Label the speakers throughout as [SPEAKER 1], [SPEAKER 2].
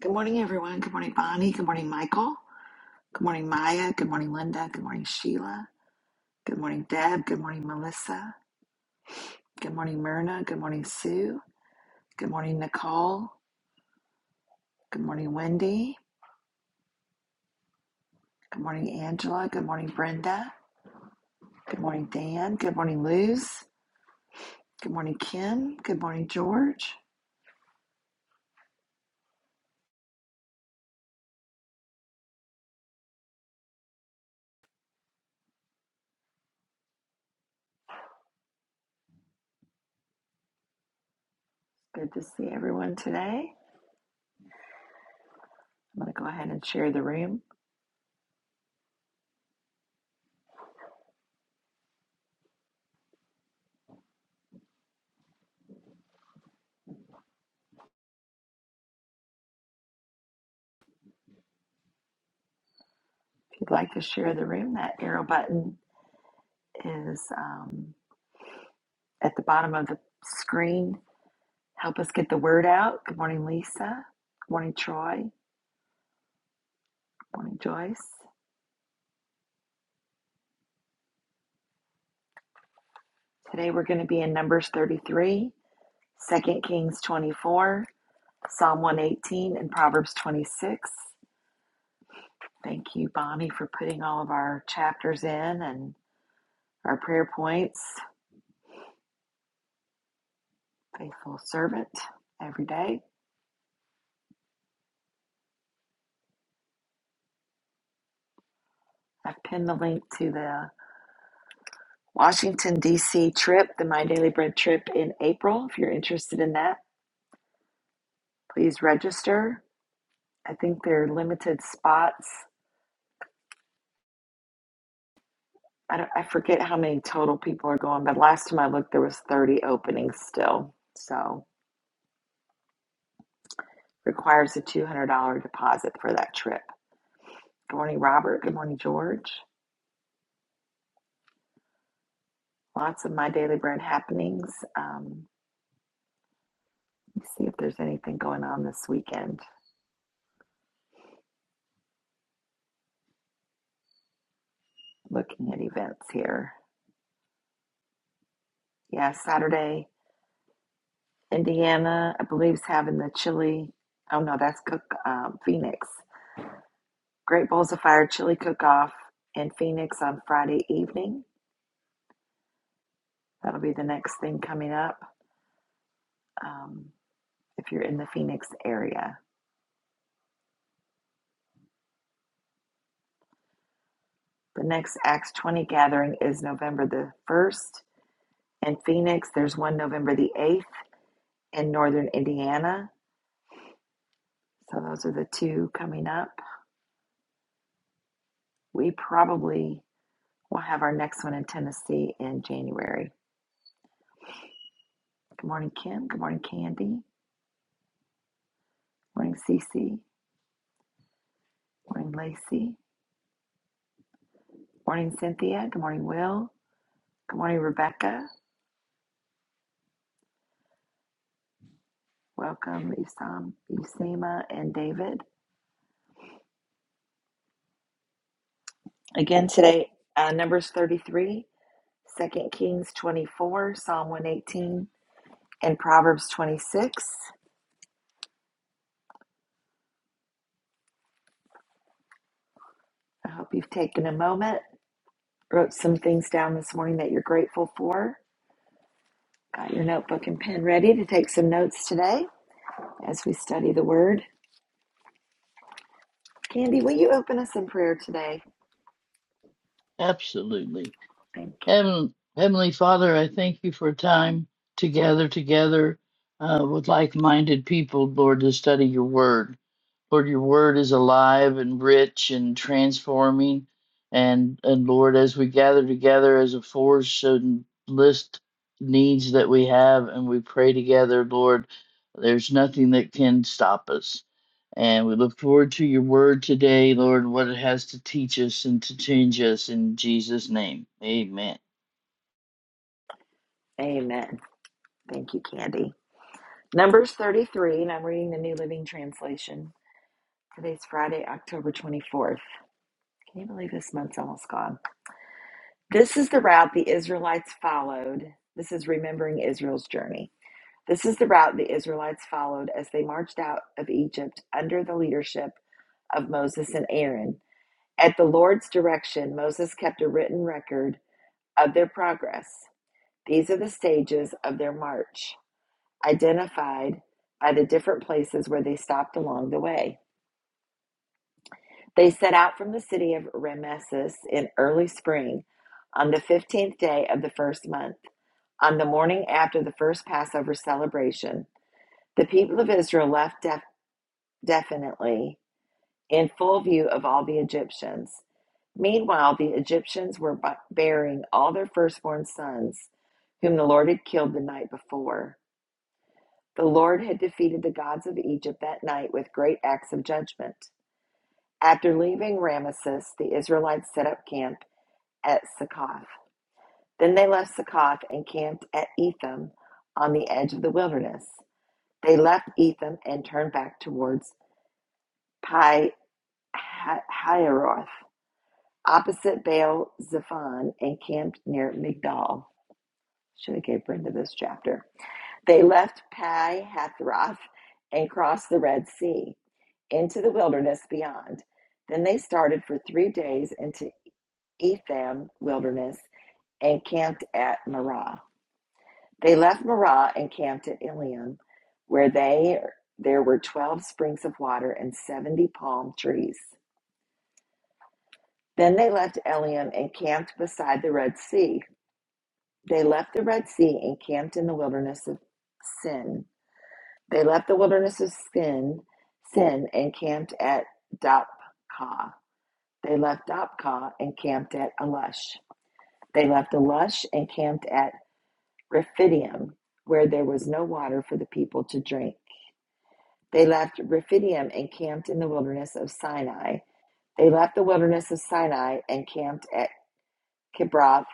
[SPEAKER 1] Good morning, everyone. Good morning, Bonnie. Good morning, Michael. Good morning, Maya. Good morning, Linda. Good morning, Sheila. Good morning, Deb. Good morning, Melissa. Good morning, Myrna. Good morning, Sue. Good morning, Nicole. Good morning, Wendy. Good morning, Angela. Good morning, Brenda. Good morning, Dan. Good morning, Luz. Good morning, Kim. Good morning, George. Good to see everyone today. I'm going to go ahead and share the room. If you'd like to share the room, that arrow button is um, at the bottom of the screen Help us get the word out. Good morning, Lisa. Good morning, Troy. Good morning, Joyce. Today we're going to be in Numbers 33, Second Kings 24, Psalm 118, and Proverbs 26. Thank you, Bonnie, for putting all of our chapters in and our prayer points. Faithful servant every day. I've pinned the link to the Washington, D.C. trip, the My Daily Bread trip in April. If you're interested in that, please register. I think there are limited spots I, don't, I forget how many total people are going, but last time I looked, there was 30 openings still. So requires a $200 deposit for that trip. Good morning, Robert. Good morning, George. Lots of my daily bread happenings. Um, let me see if there's anything going on this weekend. Looking at events here. Yeah, Saturday, Indiana, I believe, is having the chili. Oh no, that's cook um, Phoenix. Great Bowls of Fire chili cook off in Phoenix on Friday evening. That'll be the next thing coming up um, if you're in the Phoenix area. The next Acts 20 gathering is November the 1st in Phoenix. There's one November the 8th in northern Indiana. So those are the two coming up. We probably will have our next one in Tennessee in January. Good morning, Kim. Good morning, Candy. Good Morning, Cece. Good Morning, Lacey. Good Morning, Cynthia. Good morning, Will. Good morning, Rebecca. Welcome, Isam, Usama, and David. Again today, uh, Numbers 33, Second Kings 24, Psalm 118, and Proverbs 26. I hope you've taken a moment, wrote some things down this morning that you're grateful for. Got your notebook and pen ready to take some notes today as we study the Word. Candy, will you open us in prayer today?
[SPEAKER 2] Absolutely.
[SPEAKER 1] Thank you.
[SPEAKER 2] Heaven, Heavenly Father, I thank you for a time to gather together uh, with like minded people, Lord, to study your word. Lord, your word is alive and rich and transforming. And and Lord, as we gather together as a force and list needs that we have and we pray together, Lord, there's nothing that can stop us. And we look forward to your word today, Lord, what it has to teach us and to change us in Jesus' name. Amen.
[SPEAKER 1] Amen. Thank you, Candy. Numbers 33, and I'm reading the New Living Translation. Today's Friday, October 24th. Can you believe this month's almost gone? This is the route the Israelites followed. This is remembering Israel's journey. This is the route the Israelites followed as they marched out of Egypt under the leadership of Moses and Aaron. At the Lord's direction, Moses kept a written record of their progress. These are the stages of their march, identified by the different places where they stopped along the way. They set out from the city of Rameses in early spring on the 15th day of the first month. On the morning after the first Passover celebration, the people of Israel left def- definitely in full view of all the Egyptians. Meanwhile, the Egyptians were bu- burying all their firstborn sons, whom the Lord had killed the night before. The Lord had defeated the gods of Egypt that night with great acts of judgment. After leaving Ramesses, the Israelites set up camp at Succoth. Then they left Succoth and camped at Etham on the edge of the wilderness. They left Etham and turned back towards Pi Ha- opposite Baal Zephon, and camped near Migdal. Should have gave Brenda this chapter. They left Pi Hathroth and crossed the Red Sea into the wilderness beyond. Then they started for three days into Etham wilderness and camped at Marah. They left Marah and camped at Elim, where they there were twelve springs of water and seventy palm trees. Then they left Elim and camped beside the Red Sea. They left the Red Sea and camped in the wilderness of Sin. They left the wilderness of Sin, Sin and camped at Dopka. They left Dopka and camped at Alush. They left Alush and camped at Rephidim, where there was no water for the people to drink. They left Rephidim and camped in the wilderness of Sinai. They left the wilderness of Sinai and camped at Kibroth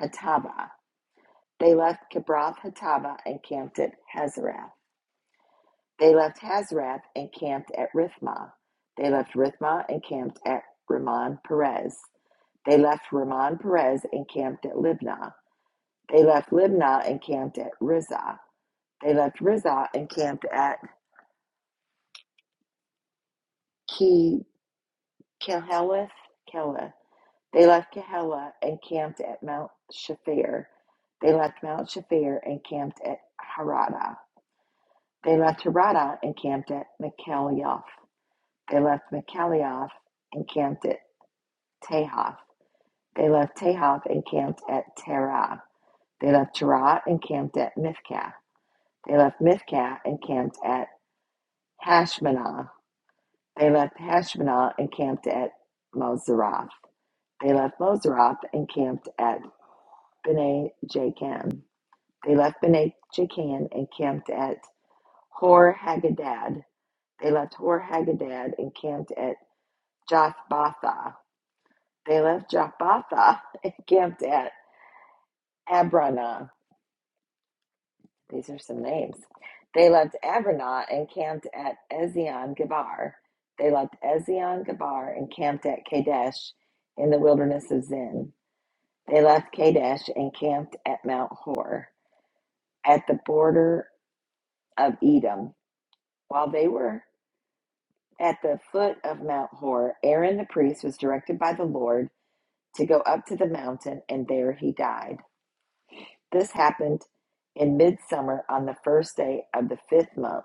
[SPEAKER 1] Hattava. They left Kibroth Hattava and camped at Hazarath. They left Hazarath and camped at Rithmah. They left Rithmah and camped at Ramon Perez. They left Ramon Perez and camped at Libnah. They left Libnah and camped at Rizah. They left Rizah and camped at Ke Kelheleth They left Kehelah and camped at Mount Shafir. They left Mount Shafir and camped at Harada. They left Harada and camped at Michalioth. They left Michalioth and camped at Tehoth. They left Tehoth and camped at Terah. They left Terah and camped at Mithkah. They left Mithkah and camped at Hashmanah. They left Hashmanah and camped at Moseroth. They left Moseroth and camped at Bene Jacan. They left Bene Jacan and camped at Hor Hagadad. They left Hor Hagadad and camped at Jothbatha. They left Jothbatha and camped at Abranah. These are some names. They left Abranah and camped at Ezion Gebar. They left Ezion Gebar and camped at Kadesh in the wilderness of Zin. They left Kadesh and camped at Mount Hor at the border of Edom. While they were At the foot of Mount Hor, Aaron the priest was directed by the Lord to go up to the mountain, and there he died. This happened in midsummer on the first day of the fifth month,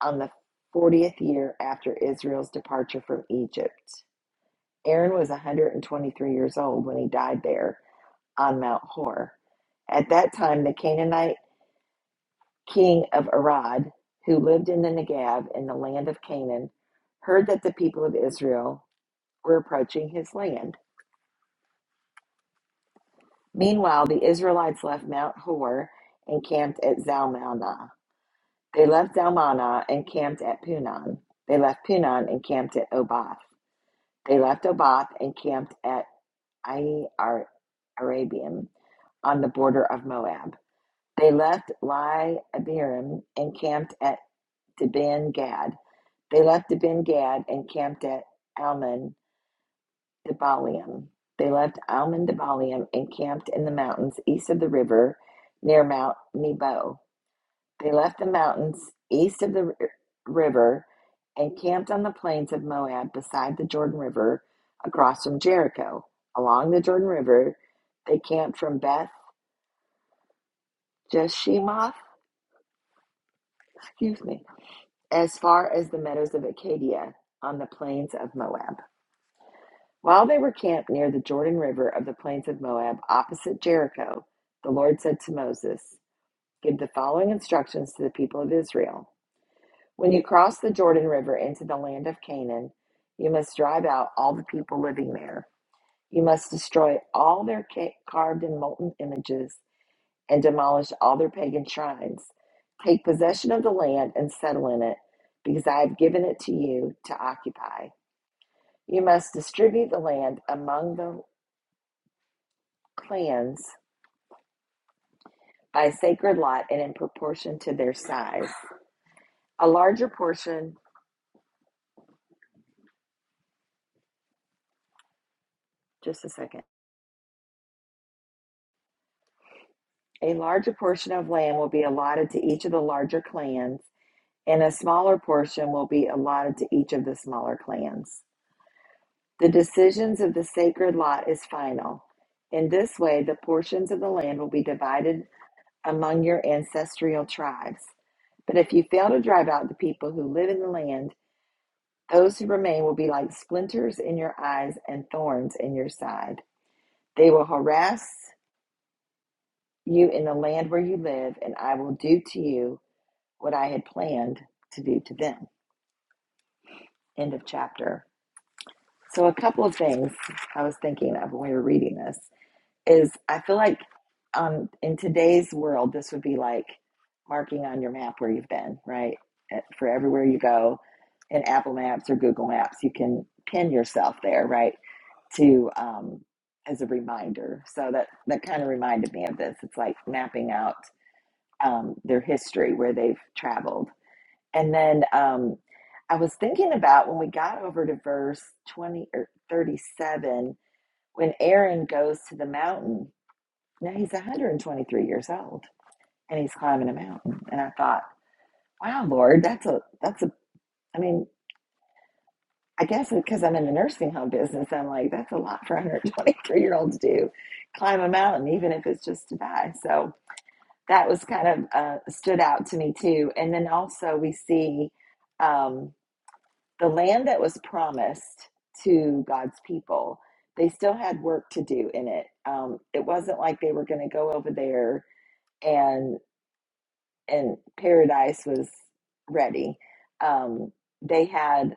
[SPEAKER 1] on the fortieth year after Israel's departure from Egypt. Aaron was 123 years old when he died there on Mount Hor. At that time, the Canaanite king of Arad, who lived in the Negev in the land of Canaan, heard that the people of Israel were approaching his land. Meanwhile, the Israelites left Mount Hor and camped at Zalmanah. They left Zalmanah and camped at Punon. They left Punon and camped at Oboth. They left Oboth and camped at Ai Ar- Arabiam on the border of Moab. They left Lai Abiram and camped at Deben Gad. They left Deben Gad and camped at Almon Debalium. They left Almon Debalium and camped in the mountains east of the river near Mount Nebo. They left the mountains east of the river and camped on the plains of Moab beside the Jordan River across from Jericho. Along the Jordan River, they camped from Beth Jeshimoth, excuse me, as far as the meadows of Acadia on the plains of Moab. While they were camped near the Jordan River of the plains of Moab, opposite Jericho, the Lord said to Moses, Give the following instructions to the people of Israel. When you cross the Jordan River into the land of Canaan, you must drive out all the people living there. You must destroy all their ca- carved and molten images and demolish all their pagan shrines. Take possession of the land and settle in it, because I have given it to you to occupy. You must distribute the land among the clans by sacred lot and in proportion to their size. A larger portion, just a second, a larger portion of land will be allotted to each of the larger clans, and a smaller portion will be allotted to each of the smaller clans. The decisions of the sacred lot is final. In this way, the portions of the land will be divided among your ancestral tribes. But if you fail to drive out the people who live in the land, Those who remain will be like splinters in your eyes and thorns in your side. They will harass you in the land where you live, and I will do to you what I had planned to do to them. End of chapter. So, a couple of things I was thinking of when we were reading this. is I feel like um, in today's world, this would be like marking on your map where you've been, right? Uh, For everywhere you go in Apple Maps or Google Maps, you can pin yourself there, right? To um, as a reminder. So that that kind of reminded me of this. It's like mapping out um, their history where they've traveled, and then um, I was thinking about when we got over to verse twenty or thirty-seven when Aaron goes to the mountain now he's 123 years old and he's climbing a mountain. And I thought, wow, Lord, that's a, that's a, I mean, I guess because I'm in the nursing home business, I'm like, that's a lot for a 123 year old to do, climb a mountain, even if it's just to die. So that was kind of uh, stood out to me too. And then also we see um, the land that was promised to God's people. They still had work to do in it. Um, it wasn't like they were going to go over there and. and Paradise was ready. Um, they had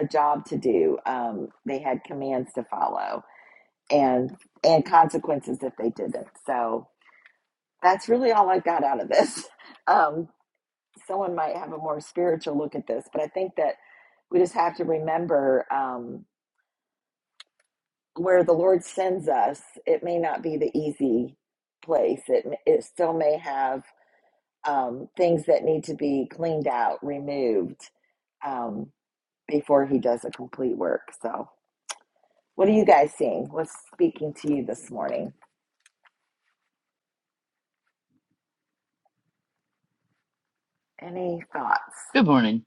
[SPEAKER 1] a job to do. Um, they had commands to follow and and consequences if they didn't. So that's really all I got out of this. Um, someone might have a more spiritual look at this, but I think that we just have to remember um, where the Lord sends us. It may not be the easy place. It it still may have um, things that need to be cleaned out, removed um, before he does a complete work. So, what are you guys seeing? What's speaking to you this morning? Any thoughts?
[SPEAKER 2] Good morning.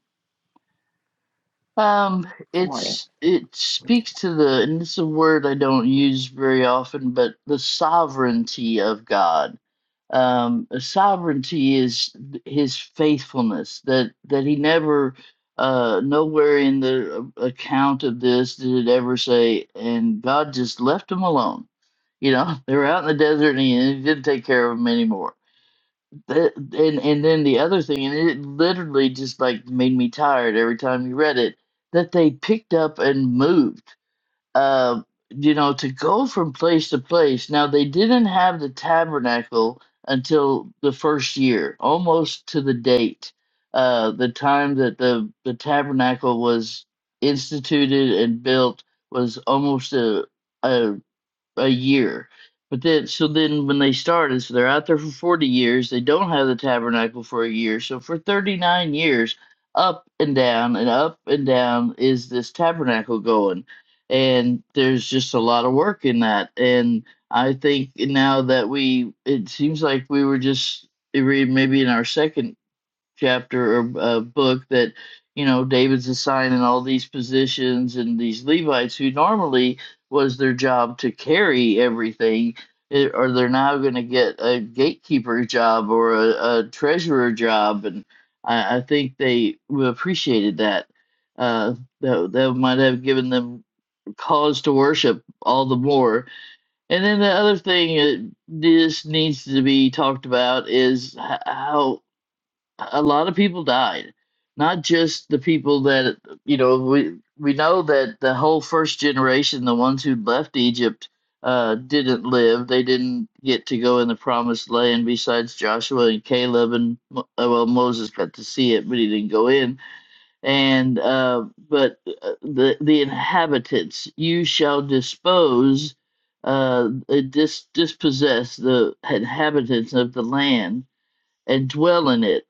[SPEAKER 2] Um,
[SPEAKER 1] Good morning.
[SPEAKER 2] it's it speaks to the, and it's a word I don't use very often, but the sovereignty of God. Um, the sovereignty is th- His faithfulness that that He never, uh, nowhere in the uh, account of this did it ever say, and God just left them alone. You know, they were out in the desert and He didn't take care of them anymore. That and and then the other thing, and it literally just like made me tired every time you read it, that they picked up and moved. Uh, you know, to go from place to place. Now they didn't have the tabernacle until the first year, almost to the date, uh, the time that the the tabernacle was instituted and built was almost a, a a year. But then, so then when they started, so they're out there for 40 years. They don't have the tabernacle for a year. So for 39 years, up and down and up and down is this tabernacle going. And there's just a lot of work in that. And I think now that we, it seems like we were just, we were maybe in our second chapter or uh, book that you know David's assigning all these positions and these Levites who normally was their job to carry everything eh, or they're now going to get a gatekeeper job or a, a treasurer job and I, I think they appreciated that. Uh, that that might have given them cause to worship all the more. And then the other thing that this needs to be talked about is how a a lot of people died not just the people that you know we we know that the whole first generation the ones who left egypt uh, didn't live they didn't get to go in the promised land besides joshua and caleb and Mo- uh, well moses got to see it but he didn't go in and uh, but uh, the the inhabitants you shall dispose uh, uh, dis- dispossess the inhabitants of the land and dwell in it.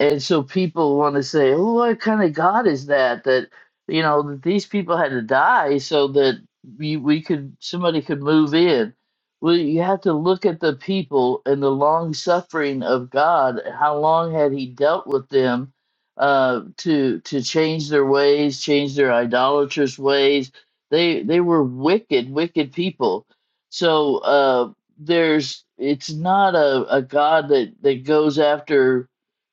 [SPEAKER 2] And so people want to say, "Oh, what kind of God is that? That you know that these people had to die so that we, we could somebody could move in." Well, you have to look at the people and the long suffering of God. How long had He dealt with them uh, to to change their ways, change their idolatrous ways? They they were wicked, wicked people. So. uh, there's it's not a, a God that, that goes after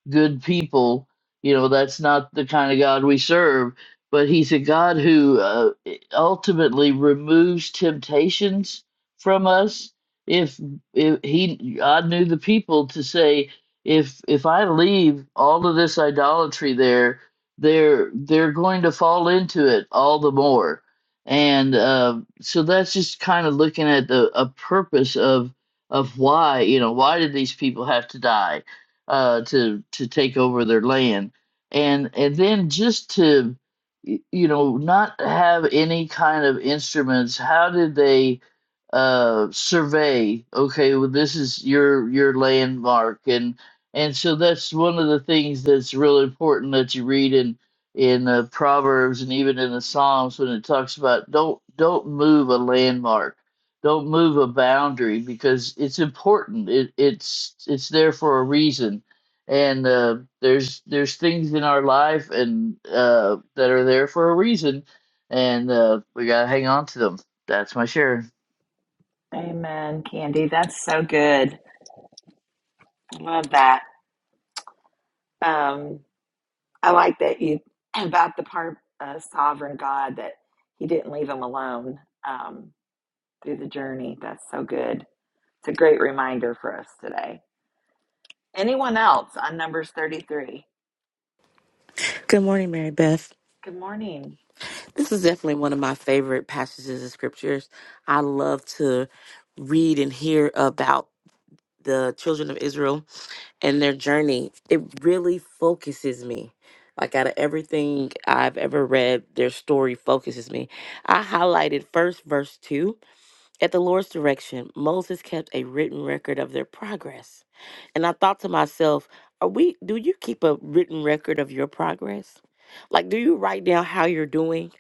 [SPEAKER 2] good people. You know, that's not the kind of God we serve. But he's a God who uh, ultimately removes temptations from us. If if he, God knew the people to say, if if I leave all of this idolatry there, they're they're going to fall into it all the more and uh, so that's just kind of looking at the a purpose of of why you know why did these people have to die uh, to to take over their land and and then just to y- you know not have any kind of instruments how did they uh survey okay well this is your your landmark and and so that's one of the things that's real important that you read in in uh, proverbs and even in the psalms when it talks about don't don't move a landmark don't move a boundary because it's important it, it's it's there for a reason and uh, there's there's things in our life and uh, that are there for a reason and uh, we gotta hang on to them that's my share
[SPEAKER 1] Amen, Candy. That's so good. I love that. Um, I like that you about the part uh, sovereign God that He didn't leave him alone um, through the journey. That's so good. It's a great reminder for us today. Anyone else on Numbers 33?
[SPEAKER 3] Good morning, Mary Beth.
[SPEAKER 1] Good morning.
[SPEAKER 3] This is definitely one of my favorite passages of scriptures. I love to read and hear about the children of Israel and their journey. It really focuses me. Like out of everything I've ever read, their story focuses me. I highlighted first verse two at the Lord's direction, Moses kept a written record of their progress. And I thought to myself, are we do you keep a written record of your progress? Like do you write down how you're doing?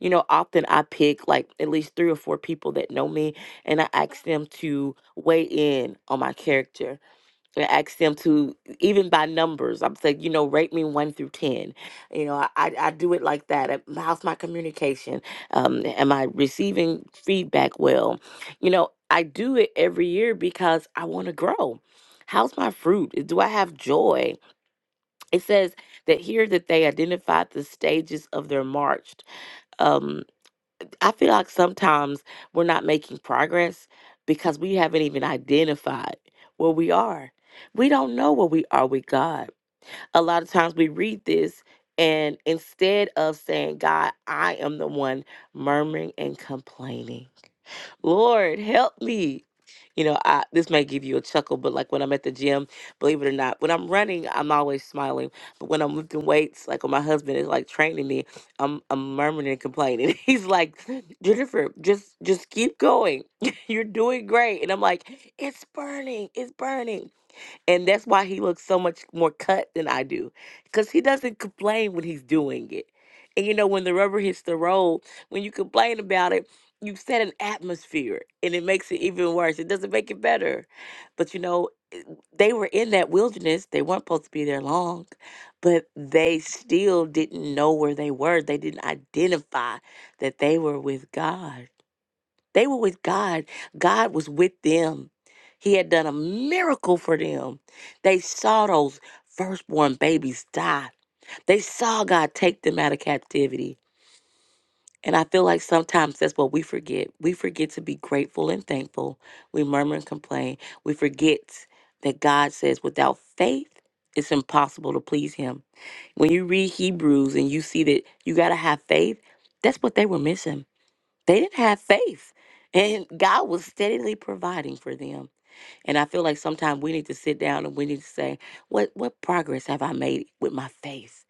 [SPEAKER 3] You know, often I pick like at least three or four people that know me and I ask them to weigh in on my character and ask them to even by numbers. I'm saying, you know, rate me one through ten. You know, I, I I do it like that. Uh, How's my communication? Um, am I receiving feedback well? You know, I do it every year because I want to grow. How's my fruit? Do I have joy? It says that here that they identified the stages of their march. Um, I feel like sometimes we're not making progress because we haven't even identified where we are. We don't know where we are with God. A lot of times we read this, and instead of saying, God, I am the one murmuring and complaining, Lord, help me. You know, I, this might give you a chuckle, but like when I'm at the gym, believe it or not, when I'm running, I'm always smiling. But when I'm lifting weights, like when my husband is like training me, I'm I'm murmuring and complaining. He's like, Jennifer, just just keep going. You're doing great. And I'm like, it's burning, it's burning and that's why he looks so much more cut than I do. Because he doesn't complain when he's doing it. And you know, when the rubber hits the road, when you complain about it, you set an atmosphere and it makes it even worse. It doesn't make it better. But you know, they were in that wilderness. They weren't supposed to be there long, but they still didn't know where they were. They didn't identify that they were with God. They were with God. God was with them. He had done a miracle for them. They saw those firstborn babies die. They saw God take them out of captivity. And I feel like sometimes that's what we forget. We forget to be grateful and thankful. We murmur and complain. We forget that God says without faith, it's impossible to please Him. When you read Hebrews and you see that you got to have faith, that's what they were missing they didn't have faith and god was steadily providing for them and i feel like sometimes we need to sit down and we need to say what what progress have i made with my faith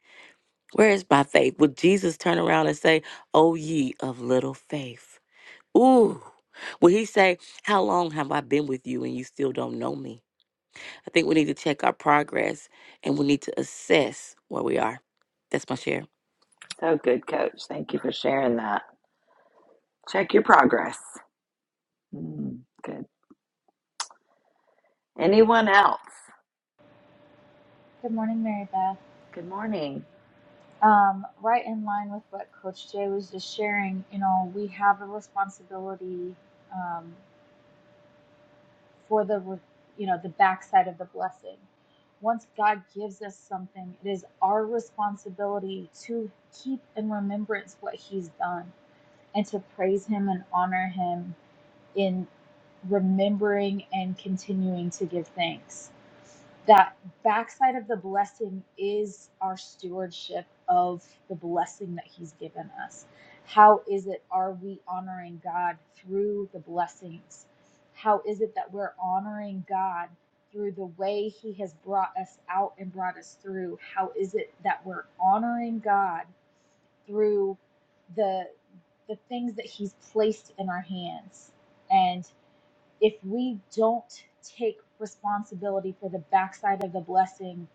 [SPEAKER 3] where is my faith would jesus turn around and say oh ye of little faith ooh Will he say, How long have I been with you and you still don't know me? I think we need to check our progress and we need to assess where we are. That's my share.
[SPEAKER 1] So good, coach. Thank you for sharing that. Check your progress. Mm, good. Anyone else?
[SPEAKER 4] Good morning, Mary Beth.
[SPEAKER 1] Good morning.
[SPEAKER 4] Um, right in line with what Coach Jay was just sharing, you know, we have a responsibility um, for the, re- you know, the backside of the blessing. Once God gives us something, it is our responsibility to keep in remembrance what He's done and to praise Him and honor Him in remembering and continuing to give thanks. that backside of the blessing is our stewardship of the blessing that he's given us how is it are we honoring god through the blessings how is it that we're honoring god through the way he has brought us out and brought us through how is it that we're honoring god through the the things that he's placed in our hands and? if we don't take responsibility for the backside of the blessing,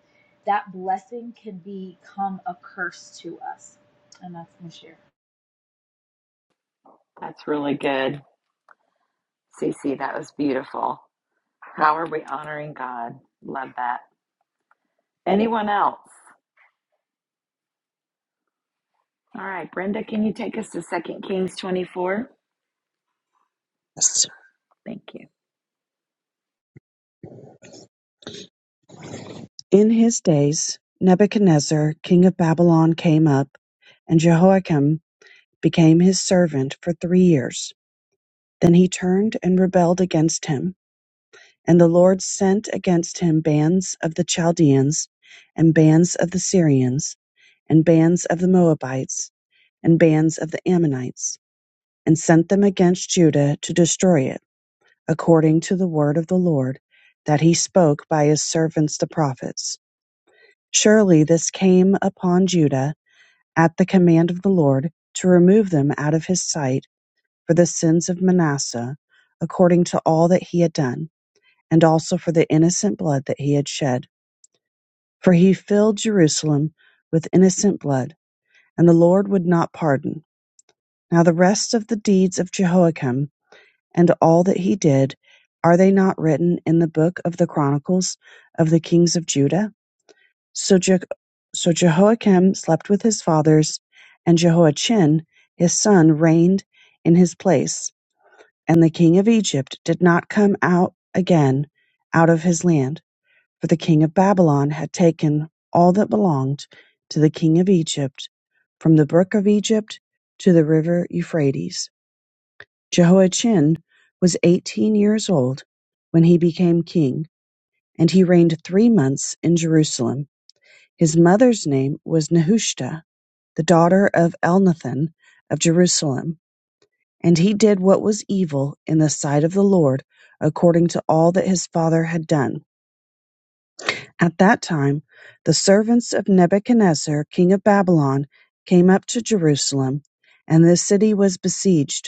[SPEAKER 4] that blessing can become a curse to us. And that's my share.
[SPEAKER 1] That's really good. Cece, that was beautiful. How are we honoring God? Love that. Anyone else? All right, Brenda, can you take us to Second Kings 24? Thank you.
[SPEAKER 5] In his days Nebuchadnezzar king of Babylon came up, and Jehoiakim became his servant for three years. Then he turned and rebelled against him, and the Lord sent against him bands of the Chaldeans, and bands of the Syrians, and bands of the Moabites, and bands of the Ammonites, and sent them against Judah to destroy it, according to the word of the Lord that he spoke by his servants the prophets. Surely this came upon Judah at the command of the Lord to remove them out of his sight for the sins of Manasseh, according to all that he had done, and also for the innocent blood that he had shed. For he filled Jerusalem with innocent blood, and the Lord would not pardon. Now the rest of the deeds of Jehoiakim and all that he did, are they not written in the book of the Chronicles of the kings of Judah? So Je- so Jehoiakim slept with his fathers, and Jehoiachin his son reigned in his place. And the king of Egypt did not come out again out of his land, for the king of Babylon had taken all that belonged to the king of Egypt, from the brook of Egypt to the river Euphrates. Jehoiachin was eighteen years old when he became king, and he reigned three months in Jerusalem. His mother's name was Nehushta, the daughter of Elnathan of Jerusalem. And he did what was evil in the sight of the Lord, according to all that his father had done. At that time, the servants of Nebuchadnezzar, king of Babylon, came up to Jerusalem, and the city was besieged.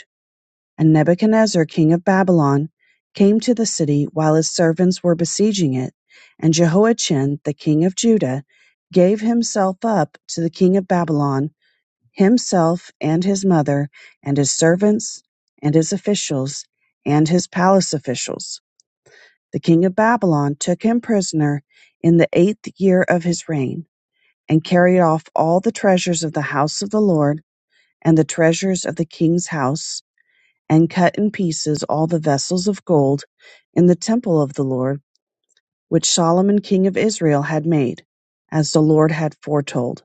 [SPEAKER 5] And Nebuchadnezzar king of Babylon came to the city while his servants were besieging it, and Jehoiachin the king of Judah gave himself up to the king of Babylon, himself and his mother, and his servants, and his officials, and his palace officials. The king of Babylon took him prisoner in the eighth year of his reign, and carried off all the treasures of the house of the Lord, and the treasures of the king's house and cut in pieces all the vessels of gold in the temple of the Lord, which Solomon king of Israel had made, as the Lord had foretold.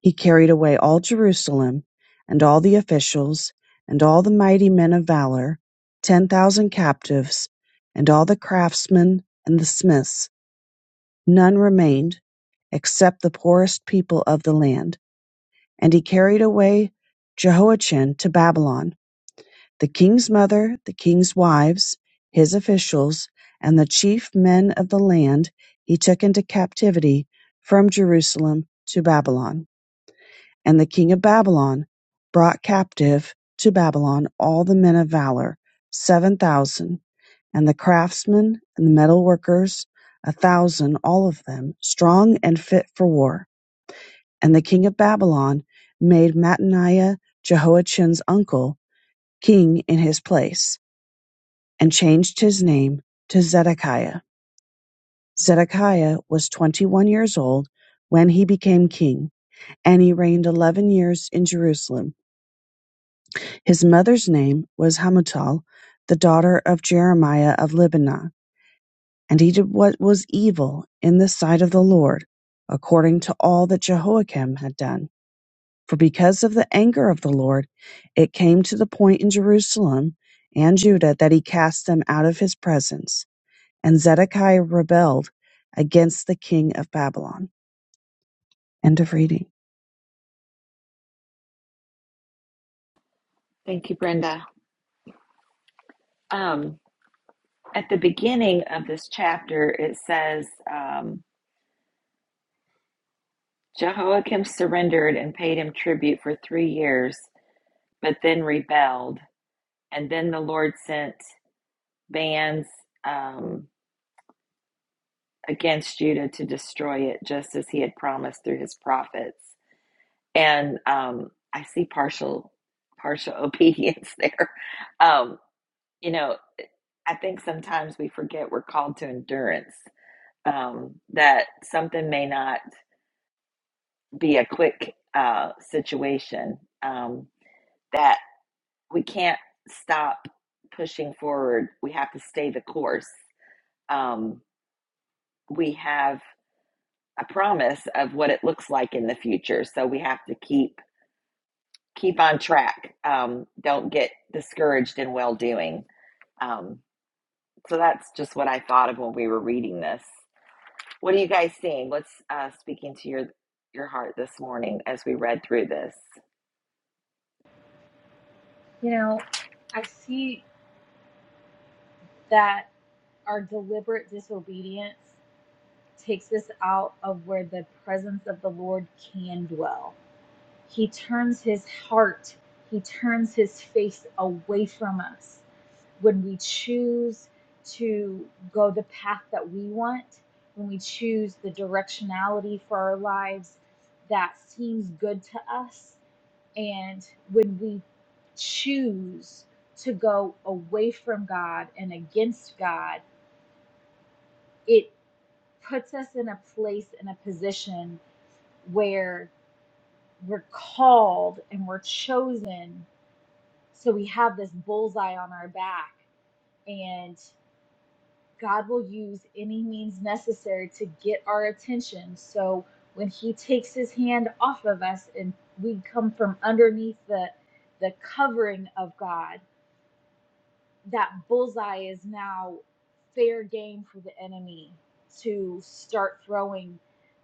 [SPEAKER 5] He carried away all Jerusalem, and all the officials, and all the mighty men of valor, ten thousand captives, and all the craftsmen and the smiths. None remained, except the poorest people of the land. And he carried away Jehoiachin to Babylon The king's mother, the king's wives, his officials, and the chief men of the land he took into captivity from Jerusalem to Babylon. And the king of Babylon brought captive to Babylon all the men of valor, seven thousand, and the craftsmen and the metal workers, a thousand, all of them, strong and fit for war. And the king of Babylon made Mattaniah, Jehoiachin's uncle, king in his place and changed his name to Zedekiah. Zedekiah was 21 years old when he became king, and he reigned 11 years in Jerusalem. His mother's name was Hamutal, the daughter of Jeremiah of Libnah, and he did what was evil in the sight of the Lord, according to all that Jehoiakim had done. For because of the anger of the Lord, it came to the point in Jerusalem and Judah that he cast them out of his presence. And Zedekiah rebelled against the king of Babylon. End of reading.
[SPEAKER 1] Thank you, Brenda. Um, at the beginning of this chapter, it says um, Jehoiakim surrendered and paid him tribute for three years, but then rebelled. And then the Lord sent bands um, against Judah to destroy it, just as he had promised through his prophets. And um, I see partial partial obedience there. Um, you know, I think sometimes we forget we're called to endurance. Um, that something may not be a quick uh, situation. Um, that we can't stop pushing forward. We have to stay the course. Um, we have a promise of what it looks like in the future. So we have to keep keep on track. Um, don't get discouraged in well doing. Um, so that's just what I thought of when we were reading this. What are you guys seeing? What's uh, speaking to your your heart this morning as we read through this?
[SPEAKER 4] You know, I see that our deliberate disobedience takes us out of where the presence of the Lord can dwell. He turns his heart, he turns his face away from us. When we choose to go the path that we want, when we choose the directionality for our lives that seems good to us, and when we choose to go away from God and against God, it puts us in a place, in a position where we're called and we're chosen So we have this bullseye on our back, and God will use any means necessary to get our attention. So when He takes His hand off of us and we come from underneath the the covering of God, that bullseye is now fair game for the enemy to start throwing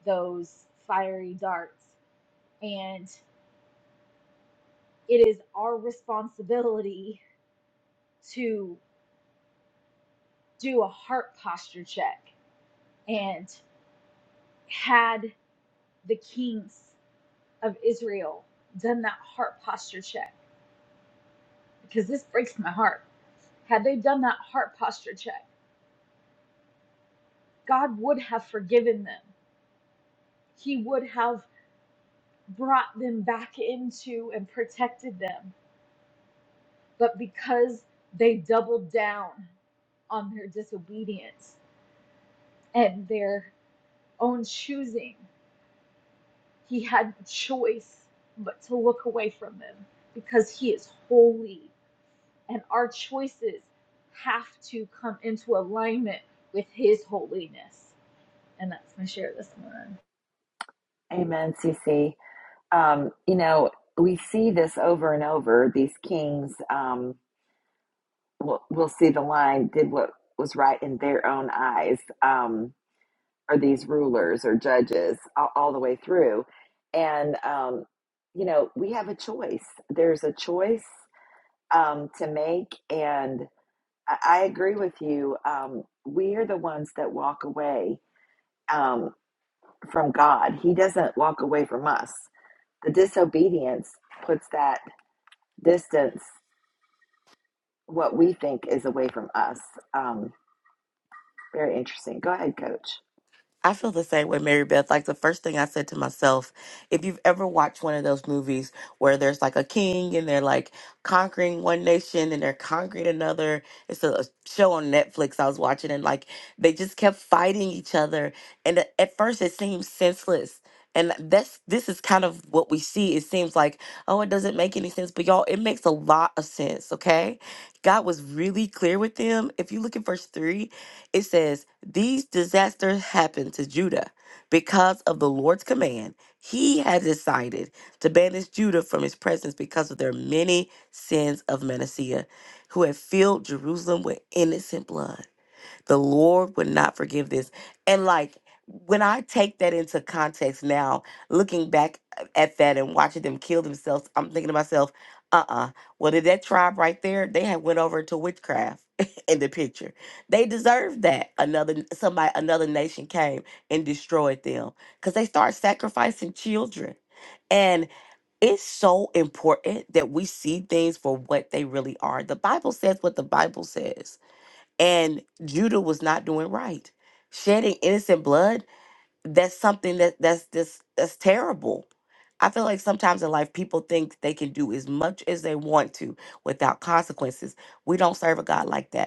[SPEAKER 4] those fiery darts. And it is our responsibility to do a heart posture check And had the kings of Israel done that heart posture check, because this breaks my heart, had they done that heart posture check, God would have forgiven them. He would have brought them back into and protected them. But because they doubled down on their disobedience and their own choosing, he had no choice but to look away from them because he is holy and our choices have to come into alignment with His holiness. And that's my share this morning.
[SPEAKER 1] Amen, CC. Um, you know, we see this over and over. These kings, um, we'll, we'll see the line, did what was right in their own eyes. Um, Are these rulers or judges all, all the way through. And, um, you know, we have a choice. There's a choice um, to make. And I, I agree with you. Um, we are the ones that walk away um, from God, He doesn't walk away from us. The disobedience puts that distance, what we think is away from us. Um, very interesting. Go ahead, coach.
[SPEAKER 3] I feel the same way, Mary Beth. Like the first thing I said to myself, if you've ever watched one of those movies where there's like a king and they're like conquering one nation and they're conquering another, it's a show on Netflix I was watching and like they just kept fighting each other. And a- at first it seems senseless. And that's this is kind of what we see. It seems like, oh, it doesn't make any sense. But y'all, it makes a lot of sense, okay? God was really clear with them. If you look in verse 3, it says, these disasters happened to Judah because of the Lord's command. He had decided to banish Judah from his presence because of their many sins of Manasseh, who had filled Jerusalem with innocent blood the Lord would not forgive this. And like when I take that into context now, looking back uh, at that and watching them kill themselves, I'm thinking to myself, uh-uh. Well, did that tribe right there, they had went over to witchcraft in the picture. They deserved that. Another somebody, another nation came and destroyed them because they start sacrificing children. And it's so important that we see things for what they really are. The Bible says what the Bible says and Judah was not doing right. Shedding innocent blood, that's something that that's this that's terrible. I feel like sometimes in life people think they can do as much as they want to without consequences. We don't serve a God like that.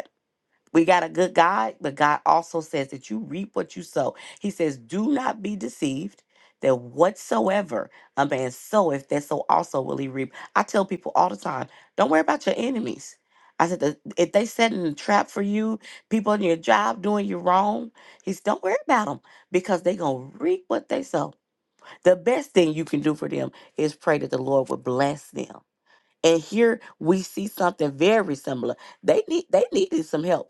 [SPEAKER 3] We got a good God, but God also says that you reap what you sow. He says, Do not be deceived that whatsoever a man soweth, that so also will he reap. I tell people all the time, don't worry about your enemies. I said, "The- if they setting a trap for you, people in your job doing you wrong, he said, don't worry about them because they are going to reap what they sow. The best thing you can do for them is pray that the Lord would bless them. And here we see something very similar. They need they needed some help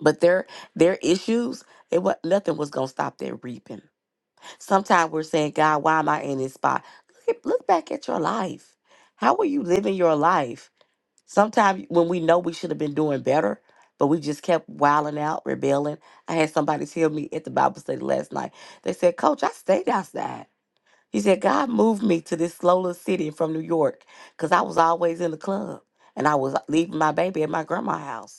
[SPEAKER 3] but their their issues, it was nothing was gonna stop their reaping. Sometimes we're saying, God, why am I in this spot? Look, at, look back at your life. How are you living your life? Sometimes when we know we should have been doing better, but we just kept wilding out, rebelling. I had somebody tell me at the Bible study last night. They said, Coach, I stayed outside. He said, God moved me to this slow little city from New York because I was always in the club and I was leaving my baby at my grandma's house.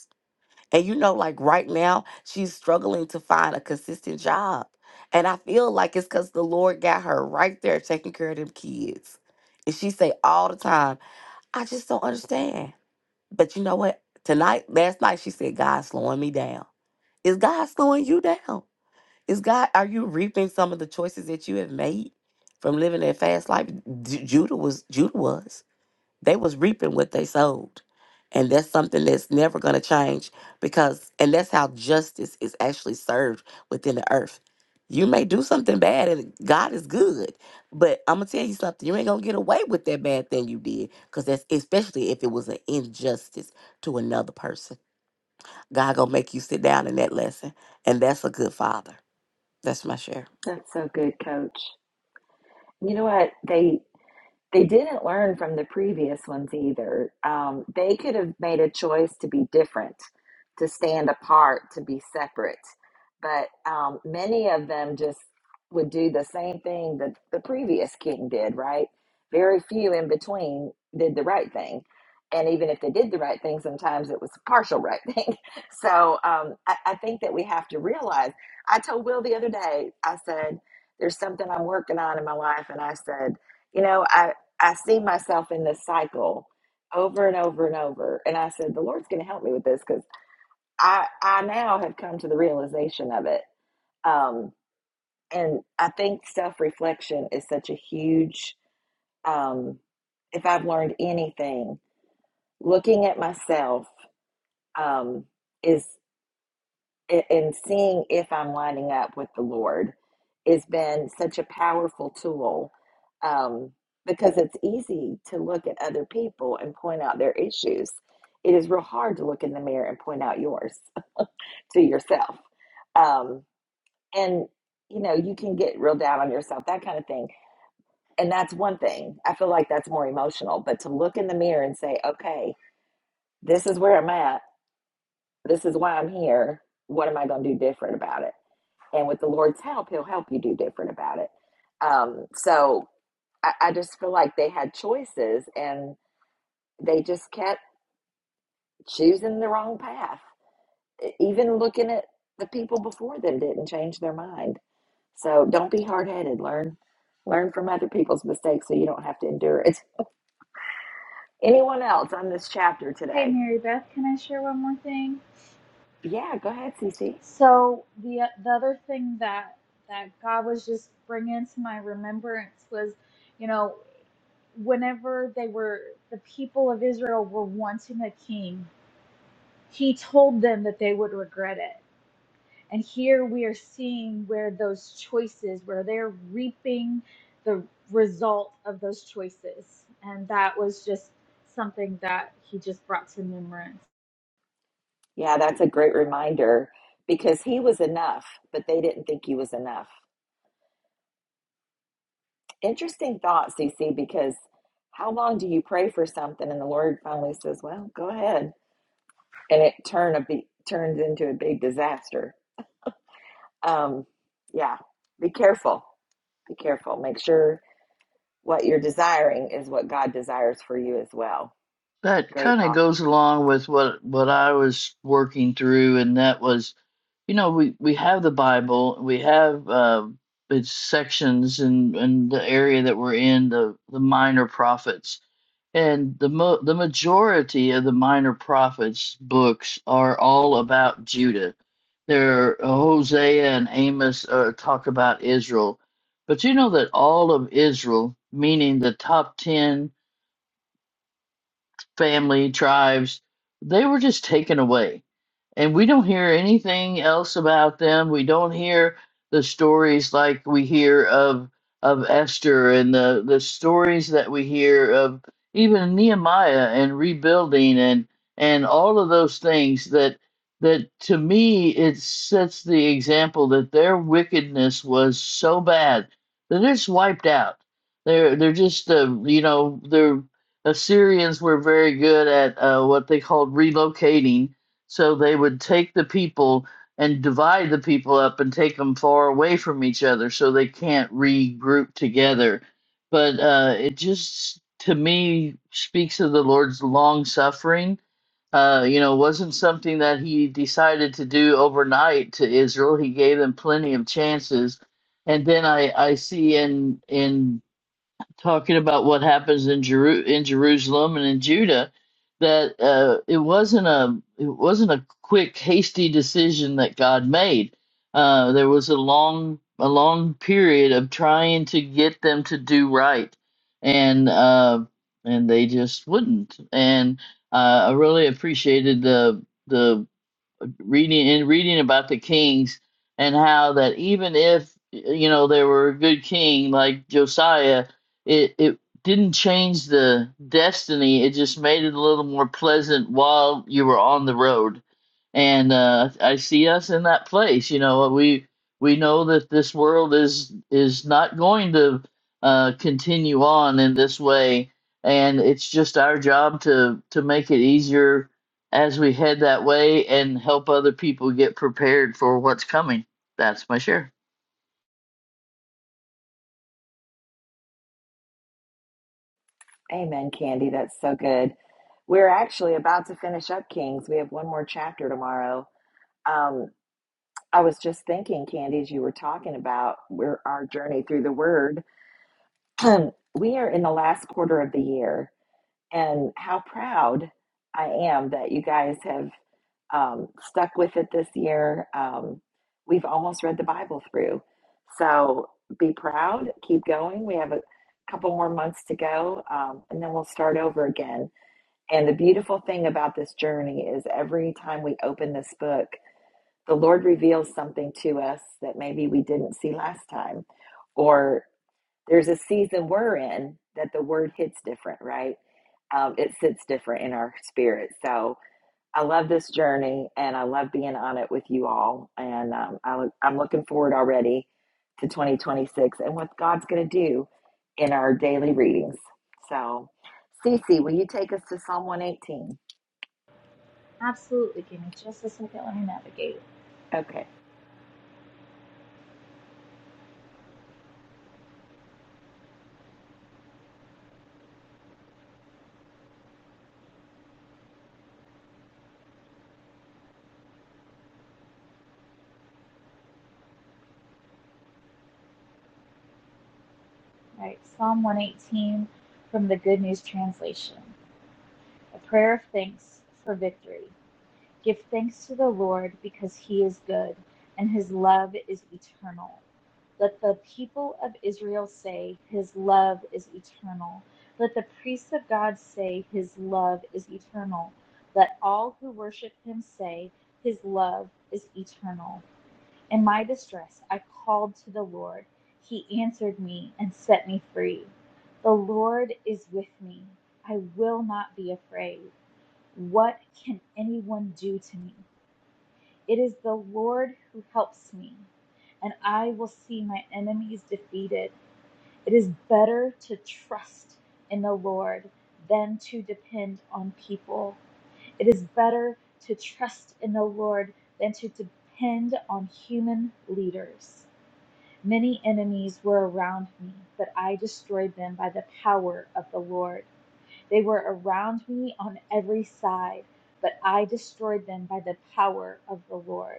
[SPEAKER 3] And you know, like right now, she's struggling to find a consistent job. And I feel like it's because the Lord got her right there taking care of them kids. And she say all the time, I just don't understand. But you know what? Tonight, last night, she said, God's slowing me down. Is God slowing you down? Is God, are you reaping some of the choices that you have made from living that fast life? Ju- Judah was, Judah was. They was reaping what they sowed. And that's something that's never going to change because, and that's how justice is actually served within the earth. You may do something bad and God is good, but I'm going to tell you something. You ain't going to get away with that bad thing you did because that's especially if it was an injustice to another person. God going to make you sit down in that lesson. And that's a good father. That's my share.
[SPEAKER 1] That's so good, coach. You know what? They They didn't learn from the previous ones either. Um, they could have made a choice to be different, to stand apart, to be separate. But um, many of them just would do the same thing that the previous king did, right? Very few in between did the right thing. And even if they did the right thing, sometimes it was a partial right thing. So um, I, I think that we have to realize. I told Will the other day, I said, there's something I'm working on in my life. And I said, you know, I, I see myself in this cycle over and over and over. And I said, the Lord's going to help me with this because I, I now have come to the realization of it. Um, and I think self reflection is such a huge, um, if I've learned anything, looking at myself um, is. and, and seeing if I'm lining up with the Lord has been such a powerful tool um, because it's easy to look at other people and point out their issues. It is real hard to look in the mirror and point out yours to yourself. Um, and, you know, you can get real down on yourself, that kind of thing. And that's one thing. I feel like that's more emotional, but to look in the mirror and say, okay, this is where I'm at. This is why I'm here. What am I going to do different about it? And with the Lord's help, He'll help you do different about it. Um, so I, I just feel like they had choices and they just kept choosing the wrong path. E- Even looking at the people before them didn't change their mind. So don't be hard headed. Learn learn from other people's mistakes so you don't have to endure it. Anyone else on this chapter
[SPEAKER 4] Hey,
[SPEAKER 1] today?
[SPEAKER 4] Mary Beth, can I share one more thing?
[SPEAKER 1] Yeah, go ahead, Cece.
[SPEAKER 4] So the the other thing that that God was just bringing to my remembrance was, you know, whenever they were the people of Israel were wanting a king, He told them that they would regret it And here we are seeing where those choices, where they're reaping the result of those choices. And that was just something that he just brought to remembrance.
[SPEAKER 1] Yeah, that's a great reminder because he was enough, but they didn't think he was enough. Interesting thought, CC, because how long do you pray for something and the Lord finally says, "Well, go ahead," and it turn a be- turns into a big disaster. Um, yeah, be careful. Be careful. Make sure what you're desiring is what God desires for you as well.
[SPEAKER 2] That
[SPEAKER 1] Great
[SPEAKER 2] kind of
[SPEAKER 1] thought.
[SPEAKER 2] goes along with what what I was working through, and that was, you know, we we have the Bible, we have uh, its sections, and and the area that we're in, the the minor prophets, and the mo- the majority of the minor prophets books are all about Judah. There, Hosea and Amos uh, talk about Israel, but you know that all of Israel, meaning the top ten family, tribes, they were just taken away and we don't hear anything else about them. We don't hear the stories like we hear of of Esther and the the stories that we hear of even Nehemiah and rebuilding and and all of those things that that to me it sets the example that their wickedness was so bad that it's wiped out. They're they're just uh, you know the Assyrians were very good at uh, what they called relocating so they would take the people and divide the people up and take them far away from each other so they can't regroup together. But uh, it just, to me, speaks of the Lord's long suffering. Uh, you know, wasn't something that he decided to do overnight to Israel. He gave them plenty of chances. And then I, I see in in talking about what happens in Jeru- in Jerusalem and in Judah that uh, it wasn't a it wasn't a quick hasty decision that God made. Uh, there was a long a long period of trying to get them to do right, and uh, and they just wouldn't. And uh, I really appreciated the the reading and reading about the kings and how that even if you know they were a good king like Josiah, it it didn't change the destiny. It just made it a little more pleasant while you were on the road. And uh, I see us in that place. You know, we we know that this world is is not going to uh, continue on in this way, and it's just our job to to make it easier as we head that way and help other people get prepared for what's coming. That's my share.
[SPEAKER 1] Amen, Candy. That's so good. We're actually about to finish up Kings. We have one more chapter tomorrow. Um, I was just thinking, Candy, as you were talking about we're, our journey through the Word. we are in the last quarter of the year, and how proud I am that you guys have um, stuck with it this year. Um, we've almost read the Bible through. So be proud, keep going. We have a couple more months to go, um, and then we'll start over again. And the beautiful thing about this journey is every time we open this book, the Lord reveals something to us that maybe we didn't see last time or there's a season we're in that the word hits different, right? Um, it sits different in our spirit. So I love this journey and I love being on it with you all. And um, I I'm looking forward already to 2026 and what God's going to do in our daily readings. So, Cece, will you take us to Psalm 118?
[SPEAKER 4] Absolutely. Give me just a second. Let me navigate.
[SPEAKER 1] Okay.
[SPEAKER 4] All right. Psalm 118 from the Good News Translation. A prayer of thanks for victory. Give thanks to the Lord because he is good, and his love is eternal. Let the people of Israel say, His love is eternal. Let the priests of God say, His love is eternal. Let all who worship him say, His love is eternal. In my distress, I called to the Lord. He answered me and set me free. The Lord is with me. I will not be afraid. What can anyone do to me? It is the Lord who helps me, and I will see my enemies defeated. It is better to trust in the Lord than to depend on people. It is better to trust in the Lord than to depend on human leaders. Many enemies were around me, but I destroyed them by the power of the Lord. They were around me on every side, but I destroyed them by the power of the Lord.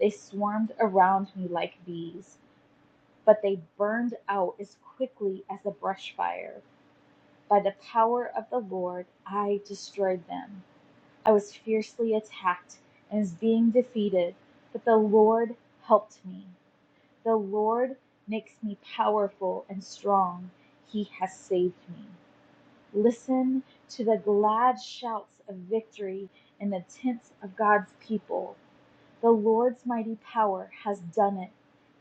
[SPEAKER 4] They swarmed around me like bees, but they burned out as quickly as a brush fire. By the power of the Lord I destroyed them. I was fiercely attacked and was being defeated, but the Lord helped me. The Lord makes me powerful and strong. He has saved me. Listen to the glad shouts of victory in the tents of God's people. The Lord's mighty power has done it.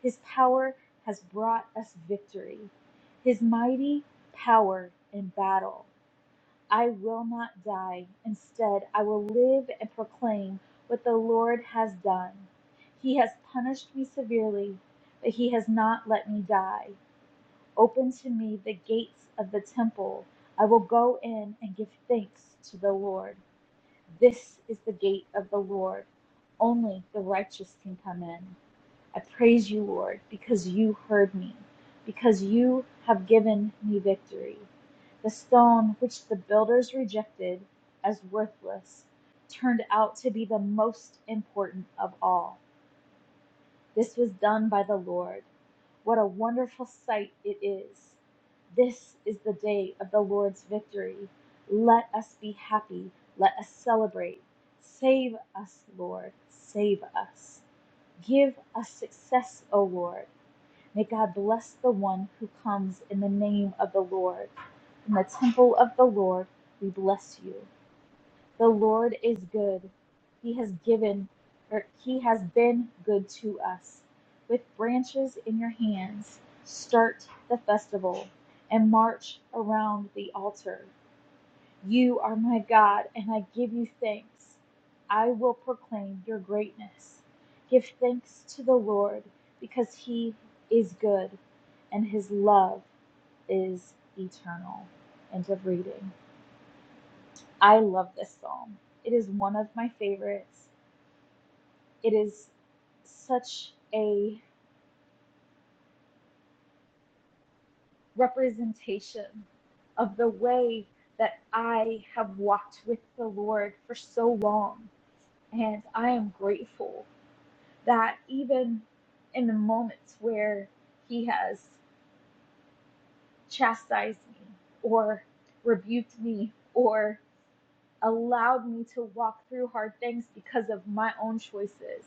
[SPEAKER 4] His power has brought us victory. His mighty power in battle. I will not die. Instead, I will live and proclaim what the Lord has done. He has punished me severely, but he has not let me die. Open to me the gates of the temple. I will go in and give thanks to the Lord. This is the gate of the Lord. Only the righteous can come in. I praise you, Lord, because you heard me, because you have given me victory. The stone which the builders rejected as worthless turned out to be the most important of all. This was done by the Lord. What a wonderful sight it is. This is the day of the Lord's victory. Let us be happy. Let us celebrate. Save us, Lord. Save us. Give us success, O Lord. May God bless the one who comes in the name of the Lord. In the temple of the Lord, we bless you. The Lord is good. He has given, or He has been good to us. With branches in your hands, start the festival and march around the altar. You are my God, and I give you thanks. I will proclaim your greatness. Give thanks to the Lord, because He is good, and His love is eternal. End of reading. I love this psalm. It is one of my favorites. It is such a representation of the way that I have walked with the Lord for so long. And I am grateful that even in the moments where He has chastised me or rebuked me or allowed me to walk through hard things because of my own choices,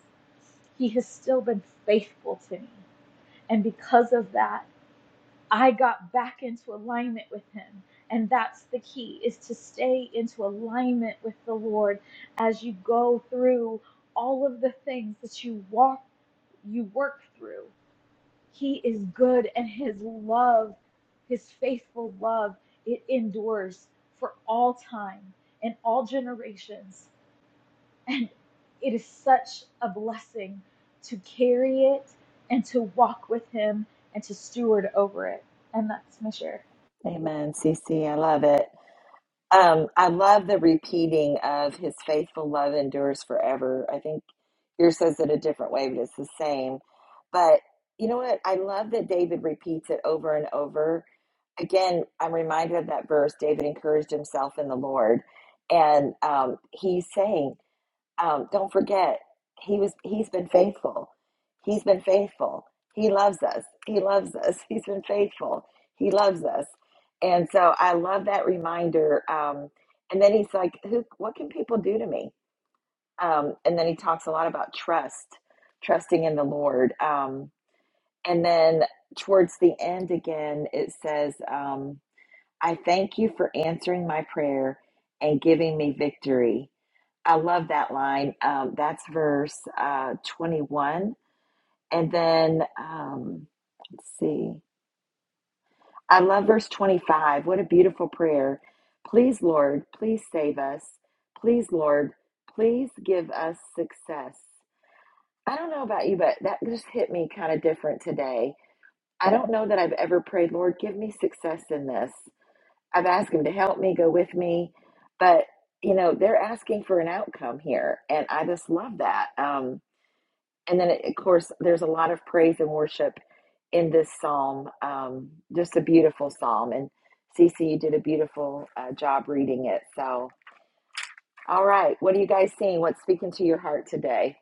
[SPEAKER 4] He has still been faithful to me And because of that, I got back into alignment with him. And that's the key is to stay into alignment with the Lord as you go through all of the things that you walk you work through. He is good and his love, his faithful love, it endures for all time and all generations. And it is such a blessing to carry it and to walk with Him and to steward over it. And that's my share.
[SPEAKER 1] Amen, Cece. I love it. Um, I love the repeating of his faithful love endures forever. I think yours says it a different way, but it's the same. But you know what? I love that David repeats it over and over. Again, I'm reminded of that verse David encouraged himself in the Lord. And um, he's saying, um, don't forget he was he's been faithful he's been faithful he loves us he loves us he's been faithful he loves us and so i love that reminder um, and then he's like who what can people do to me um, and then he talks a lot about trust trusting in the lord um, and then towards the end again it says um, i thank you for answering my prayer and giving me victory I love that line. Um, that's verse uh, 21. And then, um, let's see. I love verse 25. What a beautiful prayer. Please, Lord, please save us. Please, Lord, please give us success. I don't know about you, but that just hit me kind of different today. I don't know that I've ever prayed, Lord, give me success in this. I've asked Him to help me, go with me. But, you know, they're asking for an outcome here. And I just love that. Um, And then, of course, there's a lot of praise and worship in this psalm. Um, just a beautiful psalm. And Cece, you did a beautiful uh, job reading it. So, all right. What are you guys seeing? What's speaking to your heart today?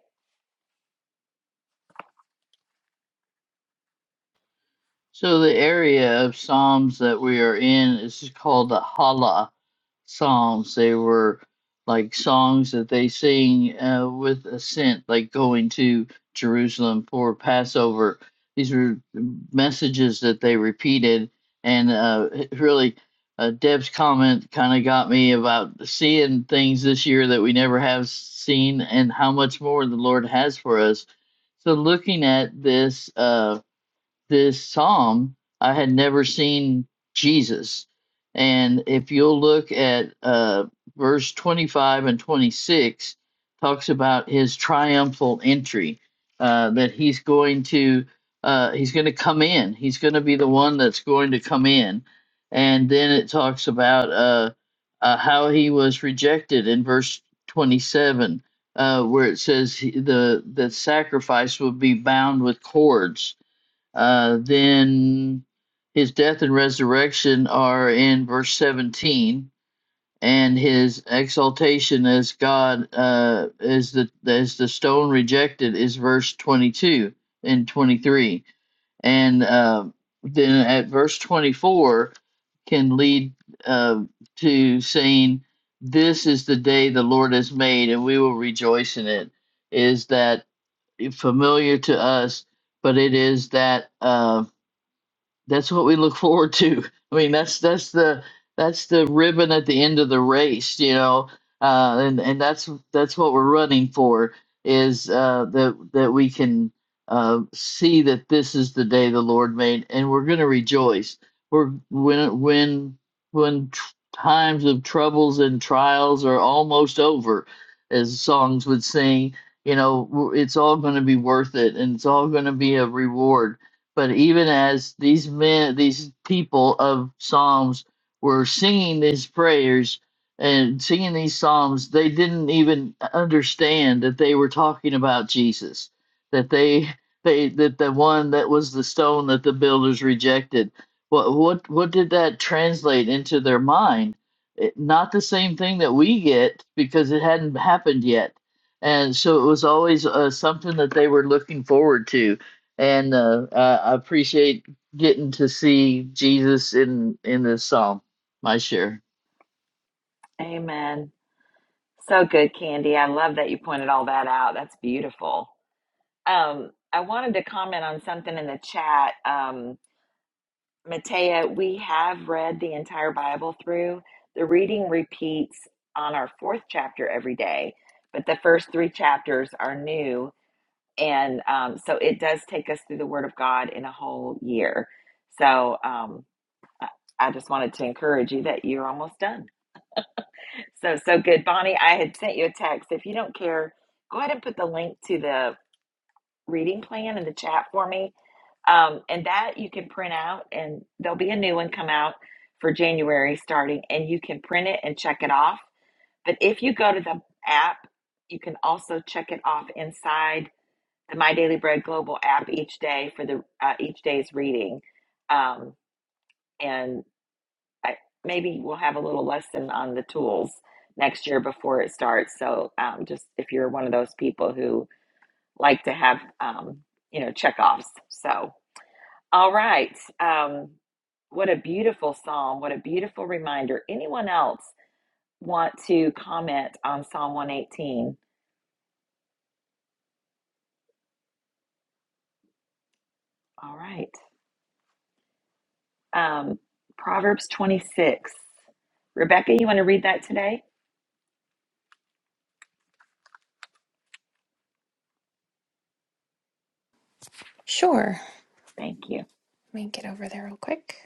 [SPEAKER 2] So, the area of Psalms that we are in is called the Hala, psalms. They were like songs that they sing uh, with ascent, like going to Jerusalem for Passover. These were messages that they repeated, and uh, it really, uh, Deb's comment kind of got me about seeing things this year that we never have seen, and how much more the Lord has for us. So, looking at this. Uh, this psalm, I had never seen Jesus. And if you'll look at uh, verse 25 and 26, talks about his triumphal entry, uh, that he's going to uh, he's going to come in. He's going to be the one that's going to come in. And then it talks about uh, uh, how he was rejected in verse 27, uh, where it says he- the the sacrifice would be bound with cords uh, then his death and resurrection are in verse 17, and his exaltation as God uh, as the as the stone rejected is verse 22 and 23, and uh, then at verse 24 can lead uh, to saying, "This is the day the Lord has made, and we will rejoice in it." Is that familiar to us? But it is that. Um, that's what we look forward to. I mean, that's that's the that's the ribbon at the end of the race, you know, uh, and and that's that's what we're running for is uh, that that we can uh, see that this is the day the Lord made, and we're going to rejoice. We're when when when tr- times of troubles and trials are almost over, as songs would sing. You know, w- it's all going to be worth it, and it's all going to be a reward but even as these men, these people of Psalms were singing these prayers and singing these Psalms, they didn't even understand that they were talking about Jesus, that they, they, that the one that was the stone that the builders rejected. What, what, what did that translate into their mind? It, not the same thing that we get because it hadn't happened yet. And so it was always uh, something that they were looking forward to and uh, I appreciate getting to see Jesus in in this psalm. My share,
[SPEAKER 1] Amen. So good, Candy. I love that you pointed all that out. That's beautiful. Um, I wanted to comment on something in the chat. Um, Matea, we have read the entire Bible through. The reading repeats on our fourth chapter every day, but the first three chapters are new. And um, so it does take us through the Word of God in a whole year. So um, I I just wanted to encourage you that you're almost done. So, so good. Bonnie, I had sent you a text. If you don't care, go ahead and put the link to the reading plan in the chat for me. Um, and that you can print out, and there'll be a new one come out for January starting, and you can print it and check it off. But if you go to the app, you can also check it off inside the My Daily Bread Global app each day for the uh, each day's reading. Um, and I, maybe we'll have a little lesson on the tools next year before it starts. So um, just if you're one of those people who like to have um, you know checkoffs. So, all right, um, what a beautiful psalm! What a beautiful reminder. Anyone else want to comment on Psalm one eighteen? All right, um, Proverbs twenty six. Rebecca, you want to read that today?
[SPEAKER 6] Sure.
[SPEAKER 1] Thank you.
[SPEAKER 6] Let me get over there real quick.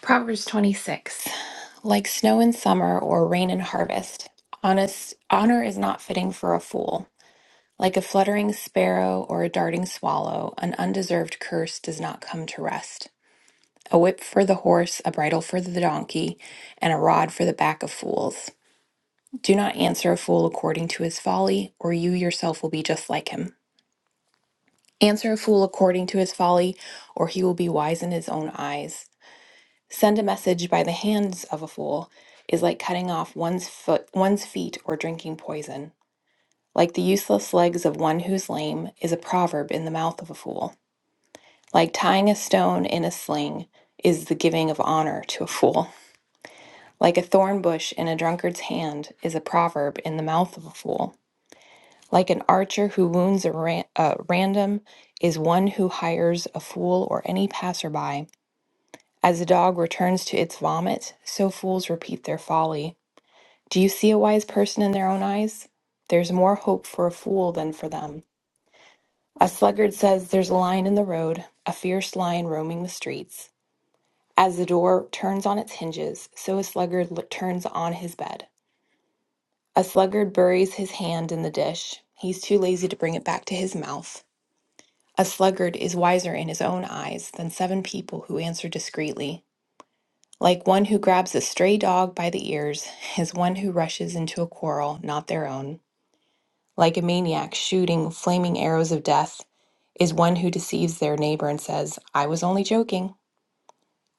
[SPEAKER 6] Proverbs 26. Like snow in summer or rain in harvest, honest honor is not fitting for a fool. Like a fluttering sparrow or a darting swallow, an undeserved curse does not come to rest. A whip for the horse, a bridle for the donkey, and a rod for the back of fools. Do not answer a fool according to his folly, or you yourself will be just like him. Answer a fool according to his folly, or he will be wise in his own eyes. Send a message by the hands of a fool is like cutting off one's foot one's feet or drinking poison. Like the useless legs of one who's lame is a proverb in the mouth of a fool. Like tying a stone in a sling is the giving of honor to a fool. Like a thorn bush in a drunkard's hand is a proverb in the mouth of a fool. Like an archer who wounds a ran- uh, random is one who hires a fool or any passerby. As a dog returns to its vomit, so fools repeat their folly. Do you see a wise person in their own eyes? There's more hope for a fool than for them. A sluggard says there's a lion in the road, a fierce lion roaming the streets. As the door turns on its hinges, so a sluggard l- turns on his bed. A sluggard buries his hand in the dish. He's too lazy to bring it back to his mouth. A sluggard is wiser in his own eyes than seven people who answer discreetly. Like one who grabs a stray dog by the ears is one who rushes into a quarrel not their own. Like a maniac shooting flaming arrows of death is one who deceives their neighbor and says, I was only joking.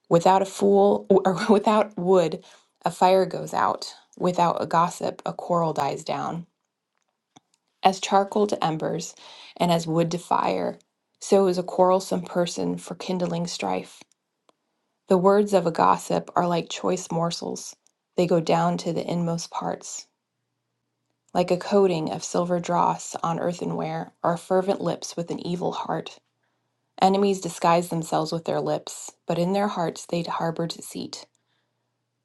[SPEAKER 6] Without a fool or without wood, a fire goes out. Without a gossip, a quarrel dies down. As charcoal to embers and as wood to fire, so is a quarrelsome person for kindling strife. The words of a gossip are like choice morsels, they go down to the inmost parts. Like a coating of silver dross on earthenware are fervent lips with an evil heart. Enemies disguise themselves with their lips, but in their hearts they harbor deceit.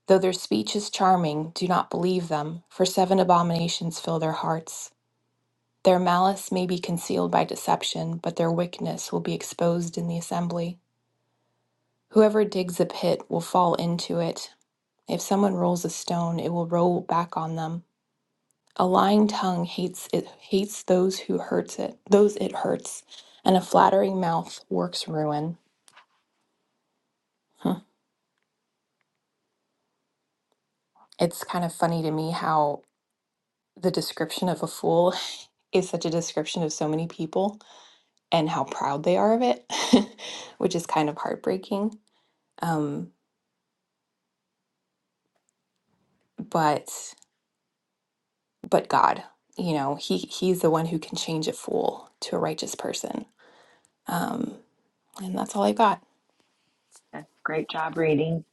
[SPEAKER 6] Though their speech is charming, do not believe them, for seven abominations fill their hearts. Their malice may be concealed by deception, but their wickedness will be exposed in the assembly. Whoever digs a pit will fall into it. If someone rolls a stone, it will roll back on them. A lying tongue hates it hates those who hurts it, those it hurts, and a flattering mouth works ruin. Hmm. It's kind of funny to me how the description of a fool is such a description of so many people and how proud they are of it, which is kind of heartbreaking. Um, but but God, you know, he he's the one who can change a fool to a righteous person. Um, and that's all I got.
[SPEAKER 1] That's great job reading,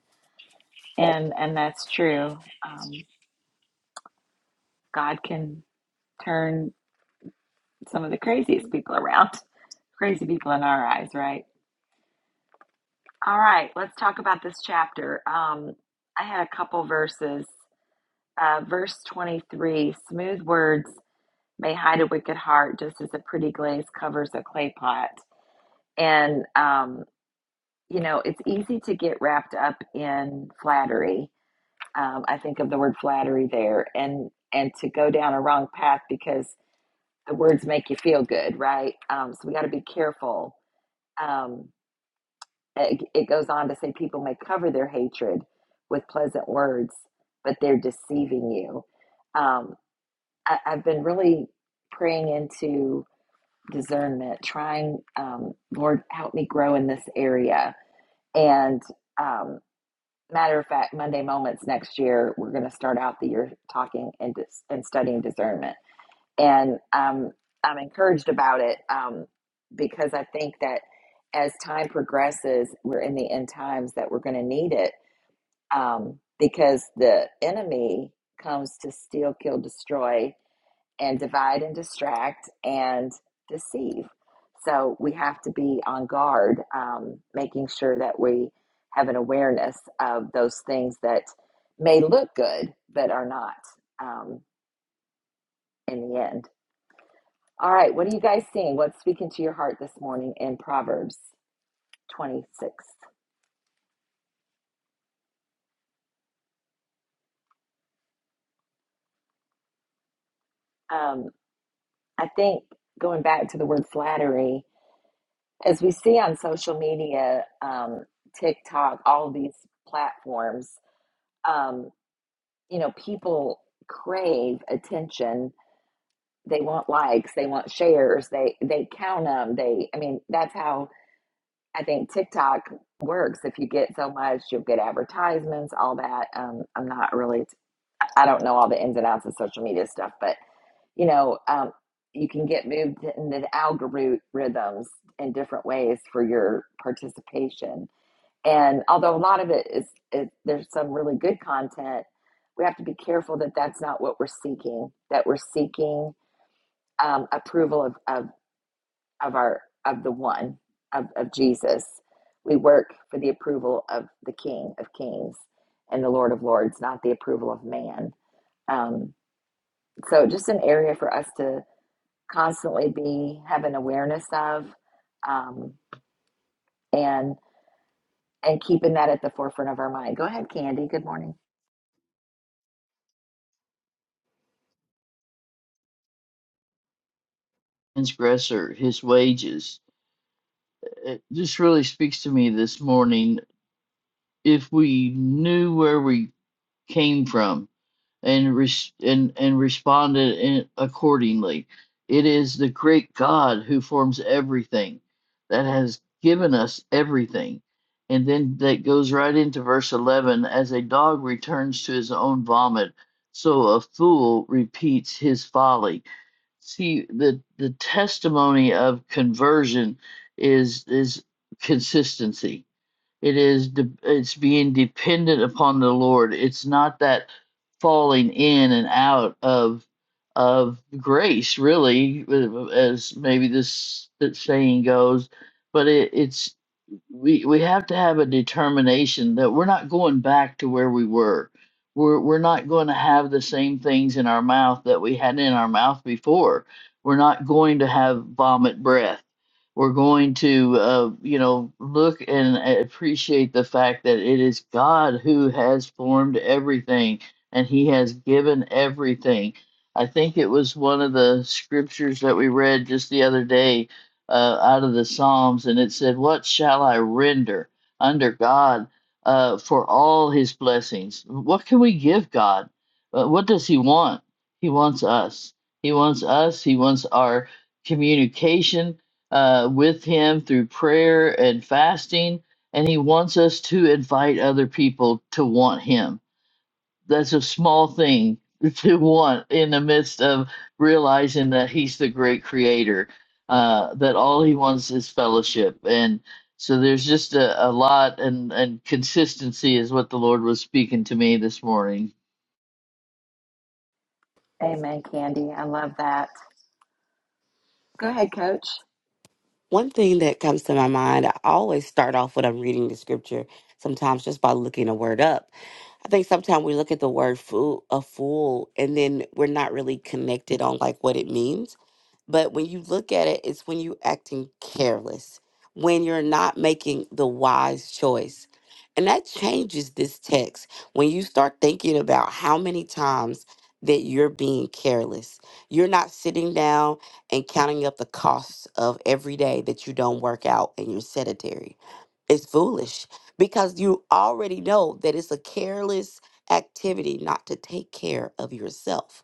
[SPEAKER 1] and and that's true. Um, God can turn some of the craziest people around, crazy people in our eyes, right? All right, let's talk about this chapter. Um, I had a couple verses. Uh, verse 23 smooth words may hide a wicked heart, just as a pretty glaze covers a clay pot. And, um, you know, it's easy to get wrapped up in flattery. Um, I think of the word flattery there and, and to go down a wrong path because the words make you feel good, right? Um, so we got to be careful. Um, It, it goes on to say people may cover their hatred with pleasant words, but they're deceiving you. Um, I, I've been really praying into discernment, trying, um, Lord, help me grow in this area. And um, matter of fact, Monday Moments next year, we're going to start out the year talking and, dis- and studying discernment and um, I'm encouraged about it um, because I think that as time progresses, we're in the end times that we're going to need it um, because the enemy comes to steal, kill, destroy, and divide and distract and deceive. So we have to be on guard, um, making sure that we have an awareness of those things that may look good but are not um, in the end. All right, what are you guys seeing? What's speaking to your heart this morning in Proverbs 26? Um, I think going back to the word flattery, as we see on social media, um, TikTok, all these platforms, um, you know, people crave attention. They want likes, they want shares, they they count them. They, I mean, that's how I think TikTok works. If you get so much, you'll get advertisements, all that. Um, I'm not really I don't know all the ins and outs of social media stuff, but you know, um, you can get moved into the algorithms in different ways for your participation. And although a lot of it is, it, there's some really good content, we have to be careful that that's not what we're seeking. That we're seeking um, approval of, of of our of the one of, of Jesus. We work for the approval of the King of Kings and the Lord of Lords, not the approval of man. Um, so just an area for us to constantly be have an awareness of um, and and keeping that at the forefront of our mind go ahead candy good morning
[SPEAKER 2] transgressor, his wages. It just really speaks to me this morning. If we knew where we came from, and res- and and responded in, accordingly. It is the great God who forms everything, that has given us everything, and then that goes right into verse eleven. As a dog returns to his own vomit, so a fool repeats his folly. See the the testimony of conversion is is consistency it is de- it's being dependent upon the lord it's not that falling in and out of of grace really uh, as maybe this that saying goes but it, it's we we have to have a determination that we're not going back to where we were. We're we're not going to have the same things in our mouth that we had in our mouth before. We're not going to have vomit breath. We're going to uh, you know look and appreciate the fact that it is God who has formed everything and He has given everything. I think it was one of the scriptures that we read just the other day uh, out of the Psalms, and it said, What shall I render under God uh, for all his blessings? What can we give God? Uh, what does he want? He wants us. He wants us. He wants our communication uh, with him through prayer and fasting, and he wants us to invite other people to want him that's a small thing to want in the midst of realizing that he's the great creator, uh, that all he wants is fellowship. And so there's just a, a lot, and, and consistency is what the Lord was speaking to me this morning.
[SPEAKER 1] amen candy i love that go ahead coach
[SPEAKER 3] One thing that comes to my mind, I always start off when I'm reading the scripture, sometimes just by looking a word up. I think sometimes we look at the word fool, a fool, and then we're not really connected on like what it means. But when you look at it, it's when you acting careless, when you're not making the wise choice. And that changes this text when you start thinking about how many times that you're being careless. You're not sitting down and counting up the costs of every day that you don't work out and you're sedentary. It's foolish because you already know that it's a careless activity not to take care of yourself.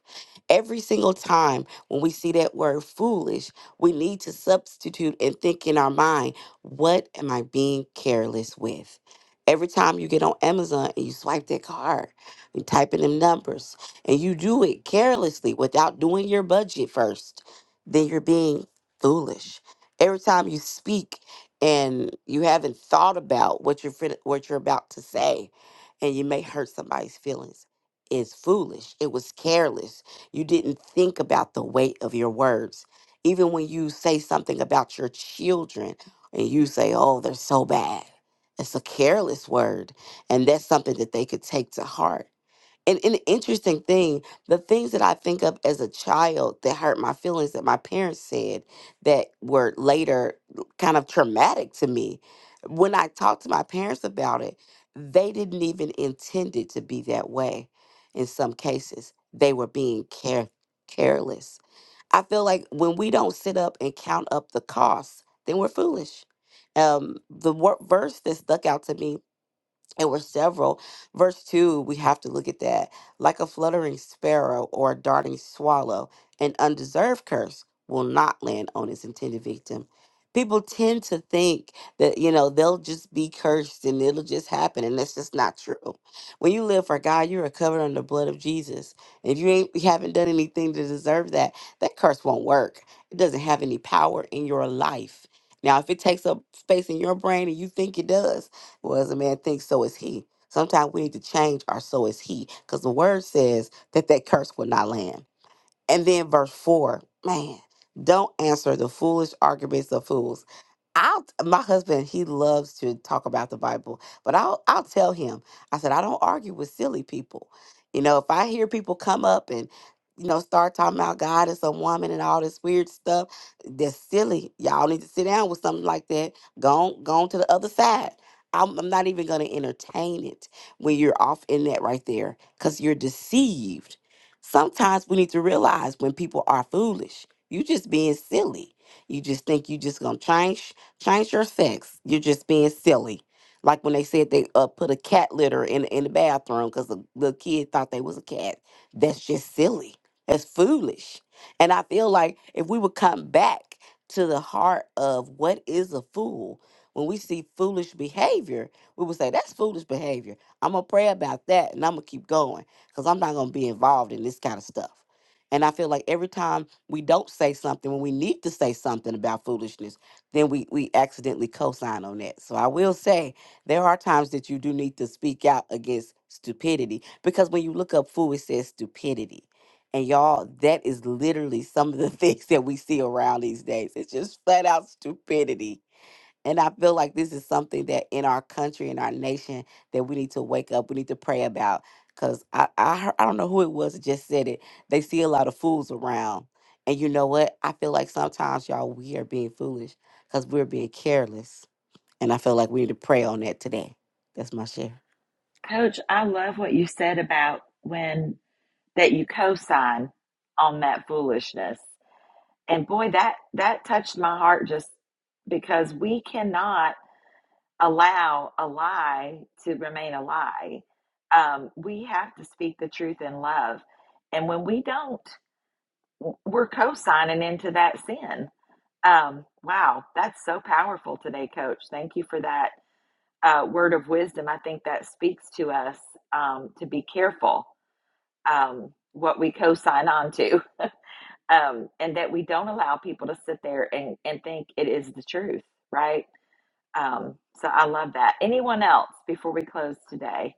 [SPEAKER 3] Every single time when we see that word foolish, we need to substitute and think in our mind, what am I being careless with? Every time you get on Amazon and you swipe that card, you type in them numbers, and you do it carelessly without doing your budget first, then you're being foolish. Every time you speak and you haven't thought about what you're fin- what you're about to say and you may hurt somebody's feelings is foolish it was careless you didn't think about the weight of your words even when you say something about your children and you say oh they're so bad it's a careless word and that's something that they could take to heart and an interesting thing, the things that I think of as a child that hurt my feelings that my parents said that were later kind of traumatic to me, when I talked to my parents about it, they didn't even intend it to be that way in some cases. They were being care- careless. I feel like when we don't sit up and count up the costs, then we're foolish. Um, the wor- verse that stuck out to me there were several. Verse 2, we have to look at that. Like a fluttering sparrow or a darting swallow, an undeserved curse will not land on its intended victim. People tend to think that, you know, they'll just be cursed and it'll just happen. And that's just not true. When you live for God, you are covered under the blood of Jesus. If you ain't you haven't done anything to deserve that, that curse won't work. It doesn't have any power in your life. Now, if it takes up space in your brain and you think it does, well, as a man thinks, so is he. Sometimes we need to change our so is he, because the word says that that curse will not land. And then verse four, man, don't answer the foolish arguments of fools. I'll my husband, he loves to talk about the Bible, but I'll I'll tell him. I said, I don't argue with silly people. You know, if I hear people come up and you know, start talking about God as a woman and all this weird stuff. That's silly. Y'all need to sit down with something like that. Go on, go on to the other side. I'm, I'm not even going to entertain it when you're off in that right there because you're deceived Sometimes we need to realize when people are foolish, you just being silly. You just think you just gonna change change your sex. You're just being silly. Like when they said they uh, put a cat litter in in the bathroom because the, the kid thought they was a cat. That's just silly. That's foolish. And I feel like if we would come back to the heart of what is a fool, when we see foolish behavior, we would say that's foolish behavior. I'm gonna pray about that and I'm gonna keep going because I'm not going to be involved in this kind of stuff. And I feel like every time we don't say something when we need to say something about foolishness, then we, we accidentally co sign on that. So I will say there are times that you do need to speak out against stupidity because when you look up fool, it says stupidity. And y'all, that is literally some of the things that we see around these days. It's just flat out stupidity and I feel like this is something that in our country, in our nation, that we need to wake up. We need to pray about. Cause I I, heard, I don't know who it was that just said it. They see a lot of fools around, and you know what? I feel like sometimes y'all we are being foolish because we're being careless, and I feel like we need to pray on that today. That's my share.
[SPEAKER 1] coach i love what you said about when that you co-sign on that foolishness and boy that that touched my heart just because we cannot allow a lie to remain a lie. Um, we have to speak the truth in love. And when we don't, we're co signing into that sin. Um, wow, that's so powerful today, Coach. Thank you for that uh, word of wisdom. I think that speaks to us um, to be careful um, what we co sign on to um, and that we don't allow people to sit there and, and think it is the truth, right? Um, so I love that. Anyone else before we close today?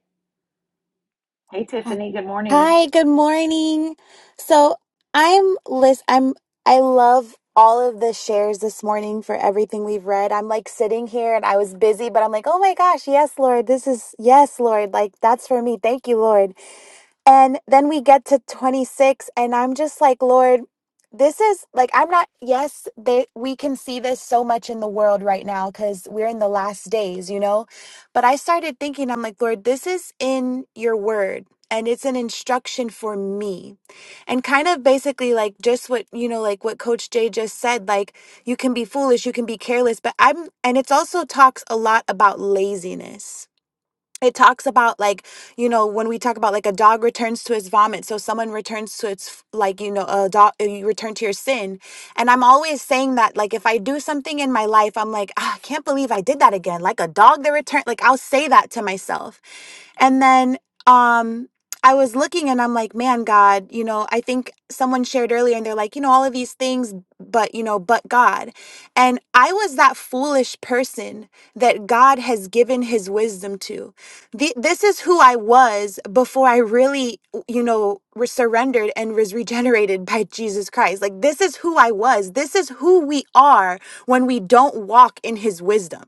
[SPEAKER 1] Hey,
[SPEAKER 7] Uh,
[SPEAKER 1] Tiffany, good morning.
[SPEAKER 7] Hi, good morning. So I'm list I'm I love all of the shares this morning for everything we've read. I'm like sitting here and I was busy, but I'm like, oh my gosh, yes, Lord, this is yes, Lord, like that's for me. Thank you, Lord. And then we get to 26 and I'm just like, Lord, this is like I'm not yes, they we can see this so much in the world right now cuz we're in the last days, you know. But I started thinking I'm like, Lord, this is in your word and it's an instruction for me. And kind of basically like just what, you know, like what coach Jay just said, like you can be foolish, you can be careless, but I'm and it's also talks a lot about laziness it talks about like you know when we talk about like a dog returns to his vomit so someone returns to its f- like you know a dog uh, you return to your sin and i'm always saying that like if i do something in my life i'm like ah, i can't believe i did that again like a dog that returned like i'll say that to myself and then um I was looking and I'm like, man, God, you know, I think someone shared earlier and they're like, you know, all of these things, but, you know, but God. And I was that foolish person that God has given his wisdom to. The, this is who I was before I really, you know, re- surrendered and was regenerated by Jesus Christ. Like, this is who I was. This is who we are when we don't walk in his wisdom.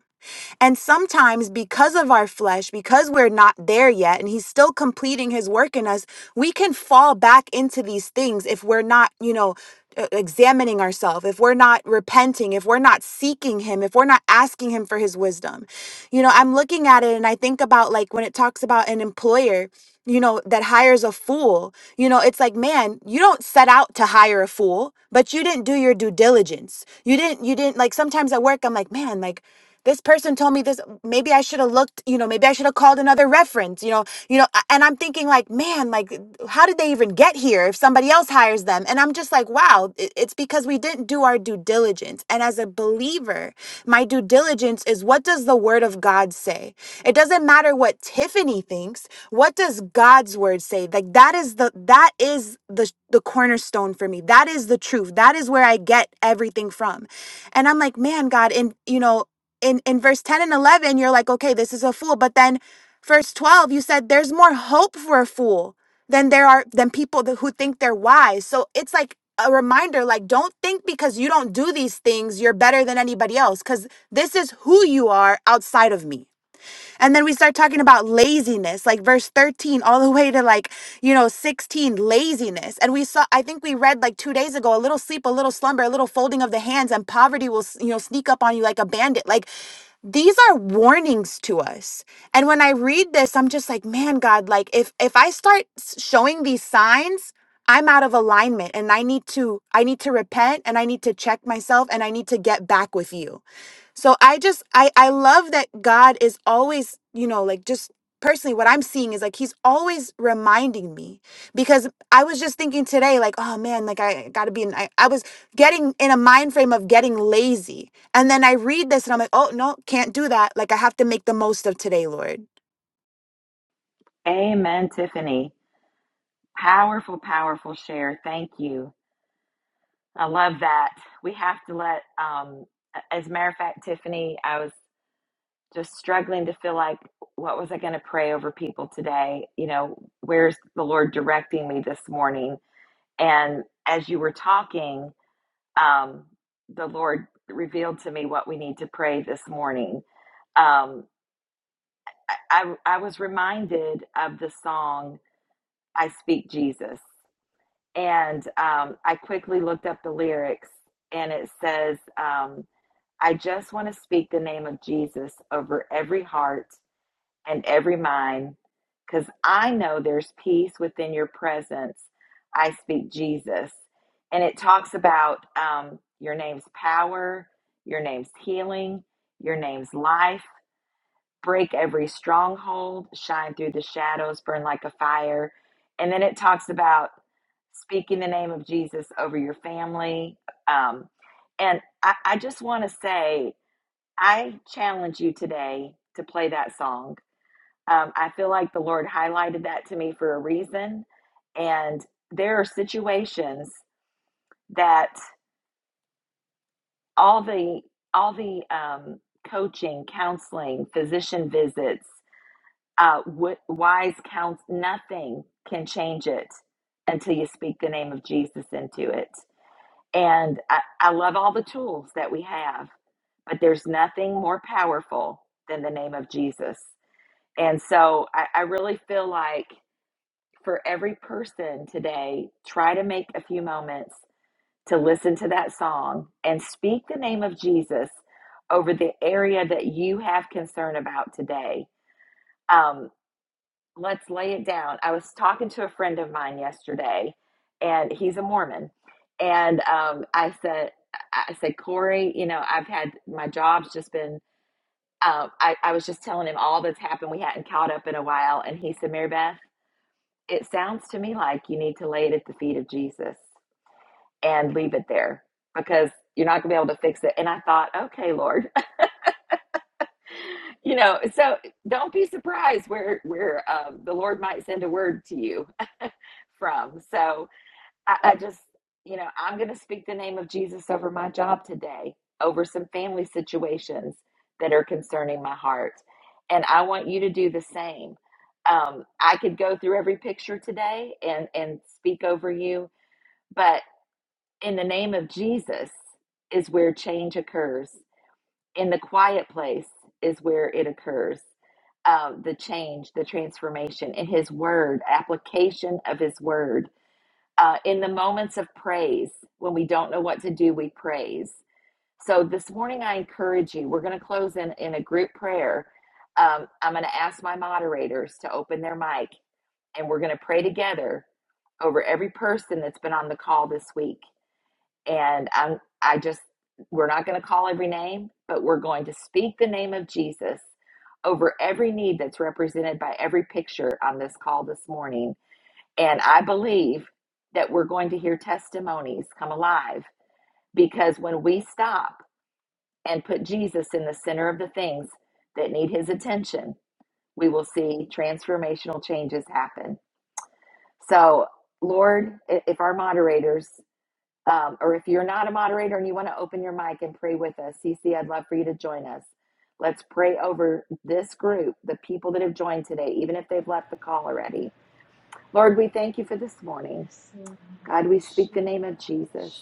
[SPEAKER 7] And sometimes, because of our flesh, because we're not there yet, and He's still completing His work in us, we can fall back into these things if we're not, you know, e- examining ourselves, if we're not repenting, if we're not seeking Him, if we're not asking Him for His wisdom. You know, I'm looking at it and I think about like when it talks about an employer. You know, that hires a fool. You know, it's like, man, you don't set out to hire a fool, but you didn't do your due diligence. You didn't, you didn't, like, sometimes at work, I'm like, man, like, this person told me this maybe i should have looked you know maybe i should have called another reference you know you know a- and i'm thinking like man like how did they even get here if somebody else hires them and i'm just like wow it- it's because we didn't do our due diligence and as a believer my due diligence is what does the word of god say it doesn't matter what tiffany thinks what does god's word say like that is the that is the the cornerstone for me that is the truth that is where i get everything from and i'm like man god and you know in in verse 10 and 11 you're like okay this is a fool but then verse 12 you said there's more hope for a fool than there are than people that, who think they're wise so it's like a reminder like don't think because you don't do these things you're better than anybody else cuz this is who you are outside of me and then we start talking about laziness like verse 13 all the way to like you know 16 laziness and we saw i think we read like 2 days ago a little sleep a little slumber a little folding of the hands and poverty will s- you know sneak up on you like a bandit like these are warnings to us and when i read this i'm just like man god like if if i start s- showing these signs i'm out of alignment and i need to i need to repent and i need to check myself and i need to get back with you so I just I I love that God is always, you know, like just personally what I'm seeing is like he's always reminding me because I was just thinking today like, oh man, like I got to be in, I, I was getting in a mind frame of getting lazy. And then I read this and I'm like, oh no, can't do that. Like I have to make the most of today, Lord.
[SPEAKER 1] Amen, Tiffany. Powerful, powerful share. Thank you. I love that. We have to let, um, a- as a matter of fact, Tiffany, I was just struggling to feel like, what was I going to pray over people today? You know, where's the Lord directing me this morning? And as you were talking, um, the Lord revealed to me what we need to pray this morning Um. I I was reminded of the song "I Speak Jesus," and um, I quickly looked up the lyrics, and it says, um, "I just want to speak the name of Jesus over every heart and every mind, because I know there's peace within your presence." I speak Jesus, and it talks about um, your name's power, your name's healing, your name's life break every stronghold, shine through the shadows, burn like a fire. And then it talks about speaking the name of Jesus over your family. Um, and I, I just want to say, I challenge you today to play that song. Um, I feel like the Lord highlighted that to me for a reason. And there are situations that all the all the um, coaching, counseling, physician visits, uh, wi- wise counsel, nothing can change it until you speak the name of Jesus into it. And I, I love all the tools that we have, but there's nothing more powerful than the name of Jesus. And so I, I really feel like for every person today, try to make a few moments to listen to that song and speak the name of Jesus over the area that you have concern about today Um. Let's lay it down. I was talking to a friend of mine yesterday, and he's a Mormon. And um, I said, I said, Corey, you know, I've had my job's just been. Um, I, I was just telling him all that's happened. We hadn't caught up in a while, and he said, Mary Beth, it sounds to me like you need to lay it at the feet of Jesus and leave it there because you're not gonna be able to fix it. And I thought, okay, Lord, you know, so don't be surprised where where um, the Lord might send a word to you from. So I, I just, you know, I'm going to speak the name of Jesus over my job today, over some family situations that are concerning my heart. And I want you to do the same. Um, I could go through every picture today and, and speak over you, but in the name of Jesus is where change occurs. In the quiet place is where it occurs. Um, the change, the transformation in His Word, application of His Word uh, in the moments of praise, when we don't know what to do, we praise. So this morning, I encourage you, we're going to close in, in a group prayer. Um, I'm going to ask my moderators to open their mic, and we're going to pray together over every person that's been on the call this week. And I'm, I just, we're not going to call every name, but we're going to speak the name of Jesus over every need that's represented by every picture on this call this morning and I believe that we're going to hear testimonies come alive because when we stop and put Jesus in the center of the things that need his attention, we will see transformational changes happen. So, Lord, i- if our moderators, um, or if you're not a moderator and you want to open your mic and pray with us, CC, I'd love for you to join us. Let's pray over this group, the people that have joined today, even if they've left the call already. Lord, we thank you for this morning. God, we speak the name of Jesus.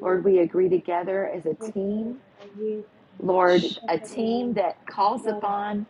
[SPEAKER 1] Lord, we agree together as a team. Lord, a team that calls upon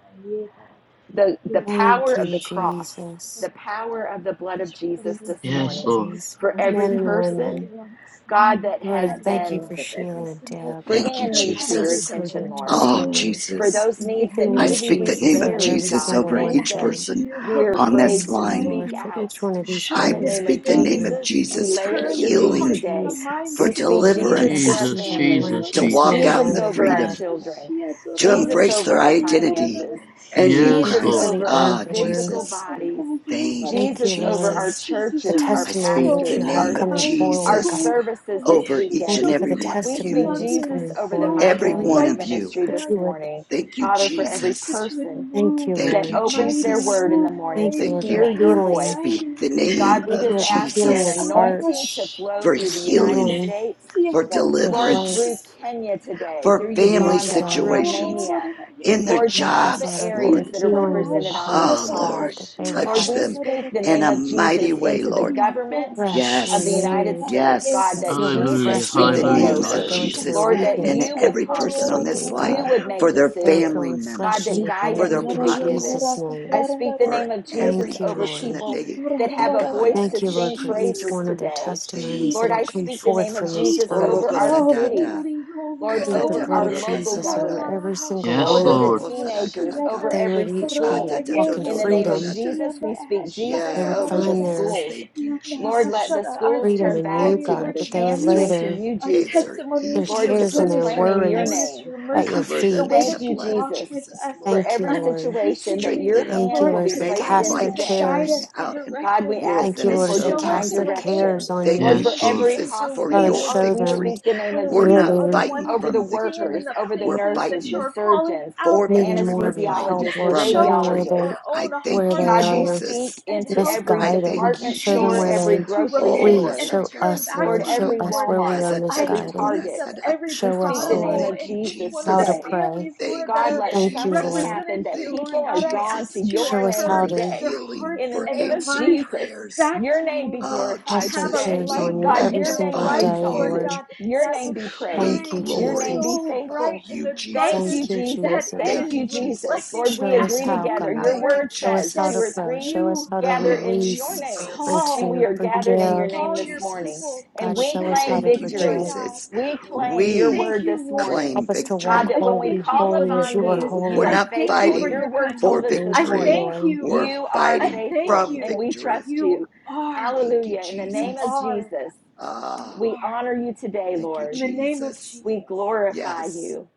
[SPEAKER 1] the, the
[SPEAKER 4] beautiful
[SPEAKER 8] Thank
[SPEAKER 1] power of
[SPEAKER 8] you,
[SPEAKER 1] the
[SPEAKER 4] shit
[SPEAKER 1] cross,
[SPEAKER 8] Jesus.
[SPEAKER 1] the power of the blood of
[SPEAKER 4] each
[SPEAKER 1] Jesus
[SPEAKER 8] Thank
[SPEAKER 4] person
[SPEAKER 1] this
[SPEAKER 2] Yes,
[SPEAKER 8] you,
[SPEAKER 4] that
[SPEAKER 1] morning
[SPEAKER 2] Lord.
[SPEAKER 4] is
[SPEAKER 8] Jesus.
[SPEAKER 1] for every
[SPEAKER 8] Men and
[SPEAKER 4] identified
[SPEAKER 1] person,
[SPEAKER 8] women,
[SPEAKER 4] here on this
[SPEAKER 1] God,
[SPEAKER 4] line,
[SPEAKER 1] that
[SPEAKER 4] Lord
[SPEAKER 8] Lord,
[SPEAKER 1] has
[SPEAKER 8] I
[SPEAKER 4] God. We
[SPEAKER 8] thank
[SPEAKER 4] lift
[SPEAKER 8] you
[SPEAKER 1] been
[SPEAKER 8] for
[SPEAKER 4] up every
[SPEAKER 8] Sheila and
[SPEAKER 4] single
[SPEAKER 8] Deb.
[SPEAKER 9] Thank
[SPEAKER 1] bringing a
[SPEAKER 9] you,
[SPEAKER 1] need to
[SPEAKER 4] person,
[SPEAKER 1] your
[SPEAKER 8] Thank
[SPEAKER 4] every
[SPEAKER 8] you
[SPEAKER 9] Jesus.
[SPEAKER 8] for
[SPEAKER 4] single
[SPEAKER 1] attention,
[SPEAKER 8] their
[SPEAKER 1] Lord.
[SPEAKER 9] Oh,
[SPEAKER 4] name,
[SPEAKER 8] testimony.
[SPEAKER 1] for
[SPEAKER 4] every
[SPEAKER 9] Jesus.
[SPEAKER 1] those
[SPEAKER 4] single
[SPEAKER 1] needs
[SPEAKER 8] Speak the
[SPEAKER 1] that
[SPEAKER 8] name
[SPEAKER 9] I
[SPEAKER 8] of
[SPEAKER 4] need,
[SPEAKER 1] maybe
[SPEAKER 9] speak
[SPEAKER 4] Lord
[SPEAKER 9] the
[SPEAKER 1] we've
[SPEAKER 9] name
[SPEAKER 8] Jesus
[SPEAKER 9] of
[SPEAKER 4] God.
[SPEAKER 8] over
[SPEAKER 1] buried,
[SPEAKER 8] every
[SPEAKER 9] Jesus
[SPEAKER 1] God,
[SPEAKER 8] single
[SPEAKER 9] over
[SPEAKER 4] I
[SPEAKER 8] one
[SPEAKER 1] things
[SPEAKER 8] of
[SPEAKER 9] each
[SPEAKER 4] ask
[SPEAKER 1] that
[SPEAKER 8] them.
[SPEAKER 4] that
[SPEAKER 9] person
[SPEAKER 4] you
[SPEAKER 1] we're
[SPEAKER 4] would
[SPEAKER 8] I
[SPEAKER 9] on
[SPEAKER 4] move
[SPEAKER 9] this
[SPEAKER 8] Thank
[SPEAKER 1] afraid to
[SPEAKER 8] you,
[SPEAKER 9] line.
[SPEAKER 8] Lord,
[SPEAKER 1] speak
[SPEAKER 4] mighty,
[SPEAKER 8] for
[SPEAKER 1] out.
[SPEAKER 8] each one of these
[SPEAKER 4] show
[SPEAKER 8] men
[SPEAKER 1] In
[SPEAKER 9] I
[SPEAKER 1] the
[SPEAKER 8] and
[SPEAKER 4] your
[SPEAKER 1] name
[SPEAKER 8] women,
[SPEAKER 1] of
[SPEAKER 9] speak the
[SPEAKER 8] Father,
[SPEAKER 9] name
[SPEAKER 8] in
[SPEAKER 4] face,
[SPEAKER 9] of
[SPEAKER 8] the
[SPEAKER 1] Jesus, we
[SPEAKER 9] Jesus for
[SPEAKER 1] lay it at your
[SPEAKER 4] turn the
[SPEAKER 8] name
[SPEAKER 1] feet
[SPEAKER 8] of
[SPEAKER 9] healing,
[SPEAKER 4] hearts and the
[SPEAKER 1] today.
[SPEAKER 4] minds
[SPEAKER 9] for
[SPEAKER 1] We
[SPEAKER 8] Jesus,
[SPEAKER 4] of your
[SPEAKER 1] speak
[SPEAKER 8] over
[SPEAKER 4] people
[SPEAKER 1] Jesus to
[SPEAKER 8] every
[SPEAKER 9] deliverance,
[SPEAKER 4] back
[SPEAKER 1] our
[SPEAKER 2] Jesus,
[SPEAKER 4] to
[SPEAKER 8] single
[SPEAKER 4] you,
[SPEAKER 1] families,
[SPEAKER 8] one of
[SPEAKER 4] Lord.
[SPEAKER 2] Jesus,
[SPEAKER 9] to
[SPEAKER 8] these men
[SPEAKER 9] walk
[SPEAKER 8] and
[SPEAKER 2] Jesus.
[SPEAKER 9] out in
[SPEAKER 1] Jesus
[SPEAKER 9] the
[SPEAKER 8] women,
[SPEAKER 1] over our
[SPEAKER 9] freedom,
[SPEAKER 8] God.
[SPEAKER 1] children,
[SPEAKER 9] to
[SPEAKER 1] Jesus
[SPEAKER 9] embrace
[SPEAKER 1] over
[SPEAKER 4] Shiatorasha,
[SPEAKER 9] their
[SPEAKER 1] our
[SPEAKER 9] identity
[SPEAKER 4] Tiatorara,
[SPEAKER 1] finances,
[SPEAKER 9] in you,
[SPEAKER 2] Yes,
[SPEAKER 8] Thank
[SPEAKER 1] Jesus
[SPEAKER 8] you for
[SPEAKER 9] Christ.
[SPEAKER 2] Lord.
[SPEAKER 8] the
[SPEAKER 1] over our
[SPEAKER 4] Tiatarasha,
[SPEAKER 9] Ah,
[SPEAKER 8] unborn.
[SPEAKER 1] physical
[SPEAKER 9] Jesus.
[SPEAKER 1] bodies,
[SPEAKER 4] Yetarara.
[SPEAKER 9] Thank you,
[SPEAKER 8] Thank you,
[SPEAKER 1] Jesus over
[SPEAKER 8] Lord,
[SPEAKER 1] our
[SPEAKER 9] Jesus.
[SPEAKER 8] the
[SPEAKER 4] Jesus,
[SPEAKER 1] churches,
[SPEAKER 4] you are
[SPEAKER 9] I
[SPEAKER 1] our
[SPEAKER 8] testimony
[SPEAKER 9] speak
[SPEAKER 8] that
[SPEAKER 4] so
[SPEAKER 9] the
[SPEAKER 8] you
[SPEAKER 1] pastors,
[SPEAKER 8] have
[SPEAKER 1] our
[SPEAKER 9] name of
[SPEAKER 8] coming
[SPEAKER 4] mighty,
[SPEAKER 1] our
[SPEAKER 8] forward,
[SPEAKER 9] Jesus
[SPEAKER 8] God.
[SPEAKER 4] so
[SPEAKER 1] services this
[SPEAKER 9] over
[SPEAKER 4] gracious,
[SPEAKER 9] each
[SPEAKER 8] Thank
[SPEAKER 9] and
[SPEAKER 1] weekend.
[SPEAKER 8] you for
[SPEAKER 4] so
[SPEAKER 9] every
[SPEAKER 8] the
[SPEAKER 9] one of
[SPEAKER 1] We
[SPEAKER 9] you.
[SPEAKER 1] speak
[SPEAKER 8] testimony that's
[SPEAKER 1] Jesus
[SPEAKER 4] loving,
[SPEAKER 8] coming
[SPEAKER 1] over the
[SPEAKER 4] so
[SPEAKER 8] forward,
[SPEAKER 1] My
[SPEAKER 9] Every
[SPEAKER 1] Daily
[SPEAKER 8] Father.
[SPEAKER 9] one
[SPEAKER 1] Bread
[SPEAKER 9] of you.
[SPEAKER 4] righteous,
[SPEAKER 1] ministry
[SPEAKER 8] That
[SPEAKER 1] this
[SPEAKER 4] Lord.
[SPEAKER 8] you would
[SPEAKER 1] morning.
[SPEAKER 9] Thank you,
[SPEAKER 1] Father, for
[SPEAKER 4] We
[SPEAKER 1] every
[SPEAKER 4] ask
[SPEAKER 9] Jesus.
[SPEAKER 4] that you would
[SPEAKER 1] person
[SPEAKER 8] thank
[SPEAKER 4] move
[SPEAKER 8] you,
[SPEAKER 9] Thank
[SPEAKER 1] that
[SPEAKER 9] you,
[SPEAKER 8] Lord.
[SPEAKER 1] opens
[SPEAKER 4] mighty,
[SPEAKER 1] their
[SPEAKER 9] Jesus.
[SPEAKER 1] word in the
[SPEAKER 4] move
[SPEAKER 1] morning
[SPEAKER 8] Thank
[SPEAKER 1] to
[SPEAKER 8] you,
[SPEAKER 4] mighty,
[SPEAKER 9] Thank
[SPEAKER 8] Lord, for
[SPEAKER 1] hear
[SPEAKER 9] you.
[SPEAKER 4] Lord,
[SPEAKER 9] I
[SPEAKER 1] your
[SPEAKER 4] move
[SPEAKER 1] voice,
[SPEAKER 8] healing.
[SPEAKER 9] speak
[SPEAKER 4] mighty.
[SPEAKER 9] the name
[SPEAKER 1] God, we
[SPEAKER 8] Thank you,
[SPEAKER 9] of
[SPEAKER 1] just
[SPEAKER 8] Lord, for
[SPEAKER 1] ask for
[SPEAKER 8] healing
[SPEAKER 1] an
[SPEAKER 8] our
[SPEAKER 9] Jesus
[SPEAKER 1] anointing
[SPEAKER 8] hearts.
[SPEAKER 1] to
[SPEAKER 4] Shiatarasha,
[SPEAKER 1] flow
[SPEAKER 9] for
[SPEAKER 1] through the
[SPEAKER 8] There's
[SPEAKER 1] United
[SPEAKER 9] healing,
[SPEAKER 8] healing
[SPEAKER 1] States.
[SPEAKER 9] for
[SPEAKER 8] your
[SPEAKER 1] Lord,
[SPEAKER 9] deliverance,
[SPEAKER 4] Tiatarasha,
[SPEAKER 1] through
[SPEAKER 8] hearts
[SPEAKER 1] Kenya today,
[SPEAKER 9] for
[SPEAKER 1] through
[SPEAKER 8] from here
[SPEAKER 9] family
[SPEAKER 1] Uganda,
[SPEAKER 4] yetara
[SPEAKER 1] through
[SPEAKER 8] today.
[SPEAKER 9] situations,
[SPEAKER 1] Romania,
[SPEAKER 4] korororera
[SPEAKER 9] in their
[SPEAKER 4] yetara
[SPEAKER 1] Lord, to
[SPEAKER 8] Thank you,
[SPEAKER 1] all the
[SPEAKER 9] jobs,
[SPEAKER 8] Father, for the
[SPEAKER 1] areas
[SPEAKER 9] Lord.
[SPEAKER 1] that are
[SPEAKER 4] yetara
[SPEAKER 8] healing in their
[SPEAKER 1] represented on
[SPEAKER 4] hashi
[SPEAKER 1] these
[SPEAKER 9] Oh,
[SPEAKER 8] hearts,
[SPEAKER 4] yetara
[SPEAKER 1] calls.
[SPEAKER 8] God,
[SPEAKER 9] Lord,
[SPEAKER 8] that
[SPEAKER 4] hashi
[SPEAKER 8] they would have
[SPEAKER 1] Lord,
[SPEAKER 4] yetara
[SPEAKER 9] touch
[SPEAKER 1] we
[SPEAKER 9] them
[SPEAKER 1] speak the
[SPEAKER 4] rarararara
[SPEAKER 9] in
[SPEAKER 1] name
[SPEAKER 9] a
[SPEAKER 1] of
[SPEAKER 4] yetara
[SPEAKER 9] mighty
[SPEAKER 1] Jesus
[SPEAKER 9] way,
[SPEAKER 1] into the
[SPEAKER 9] Lord.
[SPEAKER 1] government
[SPEAKER 8] fresh,
[SPEAKER 4] yetoshi
[SPEAKER 1] of the
[SPEAKER 9] Yes,
[SPEAKER 1] United
[SPEAKER 8] renewed,
[SPEAKER 4] yandarara
[SPEAKER 1] States, God,
[SPEAKER 9] yes.
[SPEAKER 8] and
[SPEAKER 4] yetara
[SPEAKER 1] that
[SPEAKER 8] feel
[SPEAKER 9] I
[SPEAKER 1] Jesus
[SPEAKER 2] Hallelujah,
[SPEAKER 8] refreshed and
[SPEAKER 1] would
[SPEAKER 9] speak the
[SPEAKER 1] take
[SPEAKER 4] yandara
[SPEAKER 2] hallelujah,
[SPEAKER 8] renewed
[SPEAKER 9] name
[SPEAKER 8] as they
[SPEAKER 9] of
[SPEAKER 1] over.
[SPEAKER 8] go
[SPEAKER 2] hallelujah.
[SPEAKER 8] into their
[SPEAKER 9] Jesus
[SPEAKER 1] Lord,
[SPEAKER 4] hashatara
[SPEAKER 1] that
[SPEAKER 9] and
[SPEAKER 8] weekends,
[SPEAKER 1] you
[SPEAKER 4] yetara
[SPEAKER 1] would
[SPEAKER 9] every
[SPEAKER 8] to
[SPEAKER 9] person
[SPEAKER 8] this
[SPEAKER 9] on
[SPEAKER 1] conquer,
[SPEAKER 4] korororera
[SPEAKER 9] this
[SPEAKER 8] weekend,
[SPEAKER 9] line
[SPEAKER 1] you
[SPEAKER 8] God.
[SPEAKER 1] would
[SPEAKER 4] yetara
[SPEAKER 1] make
[SPEAKER 9] for their
[SPEAKER 8] They would feel
[SPEAKER 1] decisions.
[SPEAKER 9] family
[SPEAKER 1] God,
[SPEAKER 8] refreshed and
[SPEAKER 9] members,
[SPEAKER 1] that
[SPEAKER 4] Jesus,
[SPEAKER 9] for
[SPEAKER 8] renewed
[SPEAKER 1] guidance
[SPEAKER 9] their
[SPEAKER 1] would
[SPEAKER 8] in
[SPEAKER 1] be given.
[SPEAKER 8] Jesus'
[SPEAKER 9] prodigals,
[SPEAKER 8] name.
[SPEAKER 1] I speak the name
[SPEAKER 9] for
[SPEAKER 1] of
[SPEAKER 9] every
[SPEAKER 1] Jesus
[SPEAKER 8] Thank you,
[SPEAKER 1] over
[SPEAKER 9] person
[SPEAKER 8] Lord.
[SPEAKER 9] that
[SPEAKER 1] people
[SPEAKER 9] they
[SPEAKER 1] that have a voice
[SPEAKER 9] encounter
[SPEAKER 8] Thank
[SPEAKER 1] to
[SPEAKER 8] you,
[SPEAKER 9] you,
[SPEAKER 8] Lord,
[SPEAKER 1] sing
[SPEAKER 8] for each
[SPEAKER 1] praises
[SPEAKER 9] Jesus.
[SPEAKER 8] one of their
[SPEAKER 1] today.
[SPEAKER 8] testimonies
[SPEAKER 4] Jesus,
[SPEAKER 8] that
[SPEAKER 9] Thank
[SPEAKER 1] Lord,
[SPEAKER 9] you,
[SPEAKER 8] will
[SPEAKER 1] I
[SPEAKER 8] come
[SPEAKER 1] speak the
[SPEAKER 8] forth
[SPEAKER 9] Jesus.
[SPEAKER 1] name of
[SPEAKER 8] from this
[SPEAKER 1] Jesus
[SPEAKER 8] time,
[SPEAKER 4] Jesus,
[SPEAKER 1] over
[SPEAKER 9] Oroko
[SPEAKER 4] you
[SPEAKER 1] our
[SPEAKER 8] God.
[SPEAKER 4] are
[SPEAKER 1] cities,
[SPEAKER 9] satata,
[SPEAKER 4] holy, holy,
[SPEAKER 1] Lord,
[SPEAKER 8] Plead the
[SPEAKER 9] asata
[SPEAKER 1] over
[SPEAKER 8] blood
[SPEAKER 4] holy.
[SPEAKER 1] our
[SPEAKER 8] of
[SPEAKER 9] goroka
[SPEAKER 1] local
[SPEAKER 8] Jesus
[SPEAKER 9] sabara,
[SPEAKER 8] over
[SPEAKER 1] governments,
[SPEAKER 4] Horara
[SPEAKER 8] every single one
[SPEAKER 2] Yes,
[SPEAKER 4] hashia,
[SPEAKER 1] over
[SPEAKER 8] of
[SPEAKER 1] the
[SPEAKER 2] Lord.
[SPEAKER 4] tara
[SPEAKER 8] them.
[SPEAKER 9] oroko
[SPEAKER 1] teenagers,
[SPEAKER 4] hashia,
[SPEAKER 9] sarakaraka,
[SPEAKER 8] that
[SPEAKER 1] over
[SPEAKER 4] tara
[SPEAKER 8] They would
[SPEAKER 1] every
[SPEAKER 8] each be
[SPEAKER 4] horara
[SPEAKER 1] school.
[SPEAKER 9] atata
[SPEAKER 8] walking
[SPEAKER 1] In the
[SPEAKER 4] yenara
[SPEAKER 1] name of
[SPEAKER 8] freedom.
[SPEAKER 9] tozorororata.
[SPEAKER 4] kashia,
[SPEAKER 1] Jesus,
[SPEAKER 4] tara
[SPEAKER 1] we speak
[SPEAKER 4] hasha,
[SPEAKER 1] Jesus
[SPEAKER 8] They
[SPEAKER 4] tara
[SPEAKER 8] would
[SPEAKER 9] Yeah,
[SPEAKER 1] over
[SPEAKER 4] tara
[SPEAKER 1] the
[SPEAKER 8] find
[SPEAKER 4] tara
[SPEAKER 8] their
[SPEAKER 9] Jesus,
[SPEAKER 1] schools.
[SPEAKER 9] thank you,
[SPEAKER 4] yandara
[SPEAKER 1] Lord, let
[SPEAKER 4] hasha.
[SPEAKER 9] Jesus.
[SPEAKER 1] the
[SPEAKER 4] Our
[SPEAKER 1] schools
[SPEAKER 8] freedom
[SPEAKER 1] turn
[SPEAKER 8] in you,
[SPEAKER 1] back
[SPEAKER 4] testimony,
[SPEAKER 9] Thank
[SPEAKER 1] to
[SPEAKER 9] you,
[SPEAKER 8] God,
[SPEAKER 4] Lord,
[SPEAKER 8] that
[SPEAKER 4] is
[SPEAKER 8] they would
[SPEAKER 4] in
[SPEAKER 8] lay
[SPEAKER 4] you.
[SPEAKER 1] answering
[SPEAKER 9] Jesus.
[SPEAKER 1] to
[SPEAKER 8] their,
[SPEAKER 1] you,
[SPEAKER 4] Our
[SPEAKER 1] Jesus.
[SPEAKER 9] Answer
[SPEAKER 4] testimony
[SPEAKER 8] their
[SPEAKER 4] is
[SPEAKER 9] each
[SPEAKER 4] in your
[SPEAKER 1] Lord, to
[SPEAKER 8] cares and
[SPEAKER 9] person's
[SPEAKER 8] their
[SPEAKER 4] goodness, your
[SPEAKER 9] prayer,
[SPEAKER 1] proclaiming your
[SPEAKER 9] Lord.
[SPEAKER 8] worries
[SPEAKER 4] kindness,
[SPEAKER 1] name.
[SPEAKER 4] your
[SPEAKER 8] at
[SPEAKER 4] mercy
[SPEAKER 8] your
[SPEAKER 9] Cover
[SPEAKER 4] the
[SPEAKER 9] them
[SPEAKER 4] way
[SPEAKER 9] in
[SPEAKER 8] feet.
[SPEAKER 9] the
[SPEAKER 1] Thank
[SPEAKER 4] that
[SPEAKER 1] you,
[SPEAKER 4] you
[SPEAKER 9] blood of
[SPEAKER 4] walk
[SPEAKER 1] Jesus,
[SPEAKER 4] with
[SPEAKER 9] Jesus,
[SPEAKER 4] us
[SPEAKER 9] Lord.
[SPEAKER 1] for
[SPEAKER 8] Thank you,
[SPEAKER 1] every
[SPEAKER 8] Lord.
[SPEAKER 1] situation that
[SPEAKER 4] unceasingly.
[SPEAKER 1] your
[SPEAKER 9] Strengthen them.
[SPEAKER 8] Thank you,
[SPEAKER 1] hand
[SPEAKER 4] Lord,
[SPEAKER 1] will
[SPEAKER 8] Lord,
[SPEAKER 1] be
[SPEAKER 8] as they
[SPEAKER 9] May their
[SPEAKER 1] placed in
[SPEAKER 8] cast
[SPEAKER 4] continue
[SPEAKER 8] their
[SPEAKER 9] light
[SPEAKER 4] to
[SPEAKER 1] today.
[SPEAKER 4] guide us
[SPEAKER 9] shine
[SPEAKER 8] cares.
[SPEAKER 4] and
[SPEAKER 9] out in a
[SPEAKER 4] direct
[SPEAKER 1] God,
[SPEAKER 4] us
[SPEAKER 1] we
[SPEAKER 9] world
[SPEAKER 8] Thank
[SPEAKER 1] ask
[SPEAKER 9] that
[SPEAKER 8] you,
[SPEAKER 1] you
[SPEAKER 4] and
[SPEAKER 8] Lord,
[SPEAKER 9] is
[SPEAKER 1] for
[SPEAKER 8] as they
[SPEAKER 9] so
[SPEAKER 4] show us
[SPEAKER 1] divine
[SPEAKER 9] dark.
[SPEAKER 8] cast
[SPEAKER 4] in
[SPEAKER 8] their
[SPEAKER 4] the ways in
[SPEAKER 8] cares
[SPEAKER 1] direction.
[SPEAKER 4] which
[SPEAKER 8] on
[SPEAKER 9] Thank
[SPEAKER 4] we
[SPEAKER 1] Lord,
[SPEAKER 9] you,
[SPEAKER 8] you.
[SPEAKER 1] for
[SPEAKER 4] need
[SPEAKER 2] Yes,
[SPEAKER 4] to
[SPEAKER 2] Lord.
[SPEAKER 1] every
[SPEAKER 4] change
[SPEAKER 9] Jesus,
[SPEAKER 4] where
[SPEAKER 9] for
[SPEAKER 8] Father,
[SPEAKER 4] we
[SPEAKER 9] your
[SPEAKER 1] hospital,
[SPEAKER 4] are
[SPEAKER 8] show
[SPEAKER 1] we
[SPEAKER 8] them
[SPEAKER 4] fools,
[SPEAKER 9] victory.
[SPEAKER 1] speak the name
[SPEAKER 4] where
[SPEAKER 1] of
[SPEAKER 9] We're
[SPEAKER 8] where
[SPEAKER 4] we
[SPEAKER 9] not
[SPEAKER 1] Jesus
[SPEAKER 4] are the
[SPEAKER 8] they're
[SPEAKER 9] fighting
[SPEAKER 4] ones
[SPEAKER 1] over
[SPEAKER 4] that
[SPEAKER 1] the
[SPEAKER 9] from
[SPEAKER 4] stand in
[SPEAKER 1] workers,
[SPEAKER 9] victory.
[SPEAKER 4] the
[SPEAKER 1] over the
[SPEAKER 9] We're
[SPEAKER 4] places
[SPEAKER 1] nurses,
[SPEAKER 4] that you
[SPEAKER 1] the
[SPEAKER 9] fighting
[SPEAKER 4] are calling
[SPEAKER 1] surgeons,
[SPEAKER 4] out
[SPEAKER 9] for
[SPEAKER 1] the
[SPEAKER 4] in
[SPEAKER 8] needing
[SPEAKER 4] these
[SPEAKER 9] victory.
[SPEAKER 8] more of
[SPEAKER 9] We're
[SPEAKER 8] your
[SPEAKER 4] scriptures.
[SPEAKER 8] help,
[SPEAKER 9] fighting
[SPEAKER 1] anesthesiologists, the
[SPEAKER 8] Lord.
[SPEAKER 9] from
[SPEAKER 8] Show
[SPEAKER 4] Show
[SPEAKER 8] them
[SPEAKER 4] us
[SPEAKER 8] where
[SPEAKER 9] victory.
[SPEAKER 1] radiologists.
[SPEAKER 8] they
[SPEAKER 4] our
[SPEAKER 9] I
[SPEAKER 4] own
[SPEAKER 8] where
[SPEAKER 9] thank you,
[SPEAKER 4] hearts,
[SPEAKER 8] they
[SPEAKER 1] God, we
[SPEAKER 4] Lord,
[SPEAKER 8] are
[SPEAKER 1] speak
[SPEAKER 9] Jesus.
[SPEAKER 4] and
[SPEAKER 1] into
[SPEAKER 4] help us
[SPEAKER 1] every
[SPEAKER 9] I
[SPEAKER 4] to
[SPEAKER 9] thank
[SPEAKER 8] misguided.
[SPEAKER 9] you,
[SPEAKER 1] department
[SPEAKER 8] Show them
[SPEAKER 1] store,
[SPEAKER 8] where
[SPEAKER 4] change,
[SPEAKER 9] Jesus.
[SPEAKER 1] every
[SPEAKER 8] they
[SPEAKER 4] to
[SPEAKER 1] grocery
[SPEAKER 9] Oh,
[SPEAKER 4] repent,
[SPEAKER 9] the
[SPEAKER 8] we
[SPEAKER 4] and
[SPEAKER 1] store,
[SPEAKER 4] to
[SPEAKER 9] Son of
[SPEAKER 8] show
[SPEAKER 9] God, I
[SPEAKER 4] turn
[SPEAKER 8] us,
[SPEAKER 9] said
[SPEAKER 4] back
[SPEAKER 1] Lord,
[SPEAKER 8] Lord.
[SPEAKER 4] to
[SPEAKER 9] about
[SPEAKER 8] Show
[SPEAKER 9] a-
[SPEAKER 1] every
[SPEAKER 4] you,
[SPEAKER 8] us
[SPEAKER 4] Lord.
[SPEAKER 8] where we
[SPEAKER 9] I
[SPEAKER 1] Walmart,
[SPEAKER 8] are
[SPEAKER 9] said to-
[SPEAKER 4] I
[SPEAKER 1] every
[SPEAKER 9] to
[SPEAKER 8] misguided.
[SPEAKER 9] God, I
[SPEAKER 4] lift
[SPEAKER 1] Target.
[SPEAKER 4] up
[SPEAKER 9] said, uh,
[SPEAKER 4] every
[SPEAKER 1] We
[SPEAKER 8] Show
[SPEAKER 1] speak
[SPEAKER 8] us,
[SPEAKER 1] the
[SPEAKER 9] Oh,
[SPEAKER 1] name
[SPEAKER 8] Lord,
[SPEAKER 4] prodigal
[SPEAKER 1] of
[SPEAKER 9] thank
[SPEAKER 4] and
[SPEAKER 9] you,
[SPEAKER 4] each
[SPEAKER 1] Jesus
[SPEAKER 4] one of
[SPEAKER 8] how
[SPEAKER 4] the
[SPEAKER 8] to
[SPEAKER 9] Jesus.
[SPEAKER 1] today.
[SPEAKER 8] pray.
[SPEAKER 4] families, Lord,
[SPEAKER 9] Thank
[SPEAKER 4] that
[SPEAKER 1] God,
[SPEAKER 4] are
[SPEAKER 9] you,
[SPEAKER 1] let
[SPEAKER 8] Thank you,
[SPEAKER 1] something
[SPEAKER 9] Jesus.
[SPEAKER 8] Lord.
[SPEAKER 1] happen
[SPEAKER 4] represented
[SPEAKER 1] that
[SPEAKER 4] here,
[SPEAKER 9] Thank
[SPEAKER 4] Lord
[SPEAKER 1] people
[SPEAKER 9] you,
[SPEAKER 1] are
[SPEAKER 4] God. I
[SPEAKER 1] drawn
[SPEAKER 9] Jesus
[SPEAKER 4] ask
[SPEAKER 1] to
[SPEAKER 4] that you would
[SPEAKER 1] your
[SPEAKER 8] Show us
[SPEAKER 1] name
[SPEAKER 9] for
[SPEAKER 8] how
[SPEAKER 4] turn
[SPEAKER 8] to
[SPEAKER 4] their
[SPEAKER 1] today.
[SPEAKER 9] healing,
[SPEAKER 4] hearts
[SPEAKER 1] In the
[SPEAKER 9] for
[SPEAKER 4] and
[SPEAKER 1] name
[SPEAKER 4] their
[SPEAKER 1] of
[SPEAKER 9] answered
[SPEAKER 4] minds
[SPEAKER 1] Jesus,
[SPEAKER 9] prayers.
[SPEAKER 4] back
[SPEAKER 1] your
[SPEAKER 4] to you,
[SPEAKER 1] name be
[SPEAKER 4] Lord.
[SPEAKER 9] Oh,
[SPEAKER 8] cast
[SPEAKER 1] glorified
[SPEAKER 8] our
[SPEAKER 4] Have a
[SPEAKER 9] Jesus,
[SPEAKER 1] today.
[SPEAKER 8] cares
[SPEAKER 9] we
[SPEAKER 4] light
[SPEAKER 8] on you
[SPEAKER 1] God,
[SPEAKER 8] every
[SPEAKER 4] in
[SPEAKER 1] your
[SPEAKER 4] their
[SPEAKER 1] name
[SPEAKER 8] single
[SPEAKER 1] be
[SPEAKER 9] magnify
[SPEAKER 8] day,
[SPEAKER 4] life, Lord
[SPEAKER 9] you,
[SPEAKER 1] exalted.
[SPEAKER 8] Lord.
[SPEAKER 4] God,
[SPEAKER 1] Your
[SPEAKER 4] that
[SPEAKER 9] Jesus.
[SPEAKER 1] name
[SPEAKER 4] would
[SPEAKER 1] be praised.
[SPEAKER 9] We
[SPEAKER 8] Thank you,
[SPEAKER 4] shine
[SPEAKER 1] Your
[SPEAKER 9] glorify
[SPEAKER 1] name
[SPEAKER 8] Jesus.
[SPEAKER 1] be
[SPEAKER 4] so bright
[SPEAKER 1] faithful.
[SPEAKER 4] in
[SPEAKER 9] you,
[SPEAKER 4] the
[SPEAKER 1] Thank
[SPEAKER 4] darkness
[SPEAKER 9] Jesus.
[SPEAKER 8] Thank
[SPEAKER 1] you,
[SPEAKER 8] you,
[SPEAKER 1] Jesus.
[SPEAKER 4] that
[SPEAKER 8] Jesus.
[SPEAKER 4] it
[SPEAKER 1] Thank
[SPEAKER 9] Thank
[SPEAKER 4] is
[SPEAKER 9] you,
[SPEAKER 1] you, Jesus.
[SPEAKER 9] Jesus.
[SPEAKER 1] Lord,
[SPEAKER 4] reflecting
[SPEAKER 1] we
[SPEAKER 8] Show us
[SPEAKER 4] back
[SPEAKER 1] agree
[SPEAKER 4] to
[SPEAKER 8] how,
[SPEAKER 4] you,
[SPEAKER 1] together.
[SPEAKER 8] God.
[SPEAKER 4] Lord
[SPEAKER 1] Your
[SPEAKER 9] Thank you,
[SPEAKER 4] God,
[SPEAKER 1] word
[SPEAKER 8] Show us
[SPEAKER 1] says,
[SPEAKER 8] how
[SPEAKER 4] that
[SPEAKER 1] two
[SPEAKER 8] to
[SPEAKER 1] or
[SPEAKER 9] Jesus.
[SPEAKER 8] pray.
[SPEAKER 1] three
[SPEAKER 8] Show us
[SPEAKER 4] you
[SPEAKER 8] how to
[SPEAKER 1] gather
[SPEAKER 4] would
[SPEAKER 9] Oh,
[SPEAKER 1] in your
[SPEAKER 8] release
[SPEAKER 1] name.
[SPEAKER 8] and
[SPEAKER 9] Jesus.
[SPEAKER 1] And we
[SPEAKER 4] call,
[SPEAKER 8] to
[SPEAKER 1] are gathered in your
[SPEAKER 8] forgive
[SPEAKER 9] Thank you,
[SPEAKER 1] name
[SPEAKER 4] call
[SPEAKER 1] this
[SPEAKER 4] your
[SPEAKER 1] morning.
[SPEAKER 9] Jesus.
[SPEAKER 4] people
[SPEAKER 1] And
[SPEAKER 8] God,
[SPEAKER 1] we
[SPEAKER 8] show
[SPEAKER 4] back
[SPEAKER 8] us how
[SPEAKER 1] claim
[SPEAKER 4] to
[SPEAKER 8] to
[SPEAKER 9] Thank
[SPEAKER 4] you,
[SPEAKER 9] you,
[SPEAKER 4] Lord
[SPEAKER 1] victory.
[SPEAKER 8] forgive.
[SPEAKER 4] God.
[SPEAKER 9] Jesus.
[SPEAKER 1] We claim
[SPEAKER 4] I
[SPEAKER 1] your
[SPEAKER 9] We
[SPEAKER 4] thank
[SPEAKER 1] word
[SPEAKER 4] you,
[SPEAKER 1] this
[SPEAKER 4] Lord
[SPEAKER 1] morning.
[SPEAKER 9] claim
[SPEAKER 8] Help us to
[SPEAKER 4] Jesus.
[SPEAKER 1] God,
[SPEAKER 8] walk
[SPEAKER 9] victory.
[SPEAKER 1] that
[SPEAKER 4] I
[SPEAKER 1] when
[SPEAKER 8] holy,
[SPEAKER 1] we
[SPEAKER 8] be
[SPEAKER 4] thank you
[SPEAKER 1] call
[SPEAKER 4] for
[SPEAKER 8] holy
[SPEAKER 4] your
[SPEAKER 8] as
[SPEAKER 1] upon
[SPEAKER 8] you are
[SPEAKER 4] goodness.
[SPEAKER 1] you, you
[SPEAKER 9] We're
[SPEAKER 1] are
[SPEAKER 8] holy.
[SPEAKER 4] I
[SPEAKER 9] not
[SPEAKER 4] thank you
[SPEAKER 1] faithful.
[SPEAKER 4] for
[SPEAKER 9] fighting
[SPEAKER 1] Your
[SPEAKER 4] your
[SPEAKER 1] word
[SPEAKER 4] kindness.
[SPEAKER 9] for
[SPEAKER 1] told us this
[SPEAKER 8] Thank
[SPEAKER 4] I
[SPEAKER 8] you,
[SPEAKER 9] victory,
[SPEAKER 1] morning,
[SPEAKER 4] thank
[SPEAKER 8] Lord.
[SPEAKER 4] you.
[SPEAKER 9] we're
[SPEAKER 1] you are
[SPEAKER 4] I
[SPEAKER 9] fighting
[SPEAKER 4] thank
[SPEAKER 1] faithful
[SPEAKER 9] from
[SPEAKER 1] and
[SPEAKER 4] you.
[SPEAKER 1] we
[SPEAKER 9] victory.
[SPEAKER 1] trust
[SPEAKER 4] You
[SPEAKER 1] you.
[SPEAKER 4] are.
[SPEAKER 9] Thank you,
[SPEAKER 1] Hallelujah. In the
[SPEAKER 4] You
[SPEAKER 1] name of
[SPEAKER 9] Jesus.
[SPEAKER 4] are.
[SPEAKER 1] Jesus,
[SPEAKER 9] Ah.
[SPEAKER 4] You
[SPEAKER 1] we
[SPEAKER 4] are.
[SPEAKER 1] honor you today,
[SPEAKER 9] Thank you,
[SPEAKER 4] In
[SPEAKER 1] Lord.
[SPEAKER 4] the name of
[SPEAKER 9] Jesus.
[SPEAKER 4] Jesus.
[SPEAKER 1] We glorify
[SPEAKER 9] Yes.
[SPEAKER 1] you.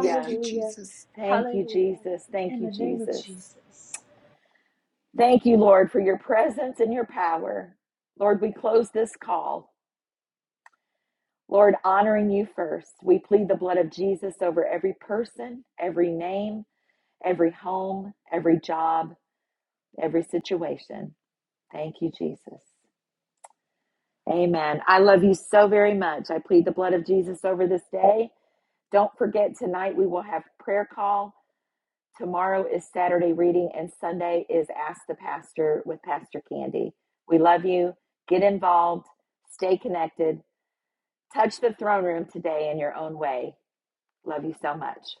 [SPEAKER 9] Thank you, Jesus.
[SPEAKER 1] Thank you,
[SPEAKER 4] Hallelujah.
[SPEAKER 1] Jesus. Thank
[SPEAKER 4] In
[SPEAKER 1] you,
[SPEAKER 4] the name of
[SPEAKER 1] Jesus.
[SPEAKER 4] Jesus.
[SPEAKER 1] Thank you, Lord, for your presence and your power. Lord, we close this call. Lord, honoring you first, we plead the blood of Jesus over every person, every name, every home, every job, every situation. Thank you, Jesus. Amen. I love you so very much. I plead the blood of Jesus over this day. Don't forget, tonight we will have prayer call. Tomorrow is Saturday reading, and Sunday is Ask the Pastor with Pastor Candy. We love you. Get involved, stay connected, touch the throne room today in your own way. Love you so much.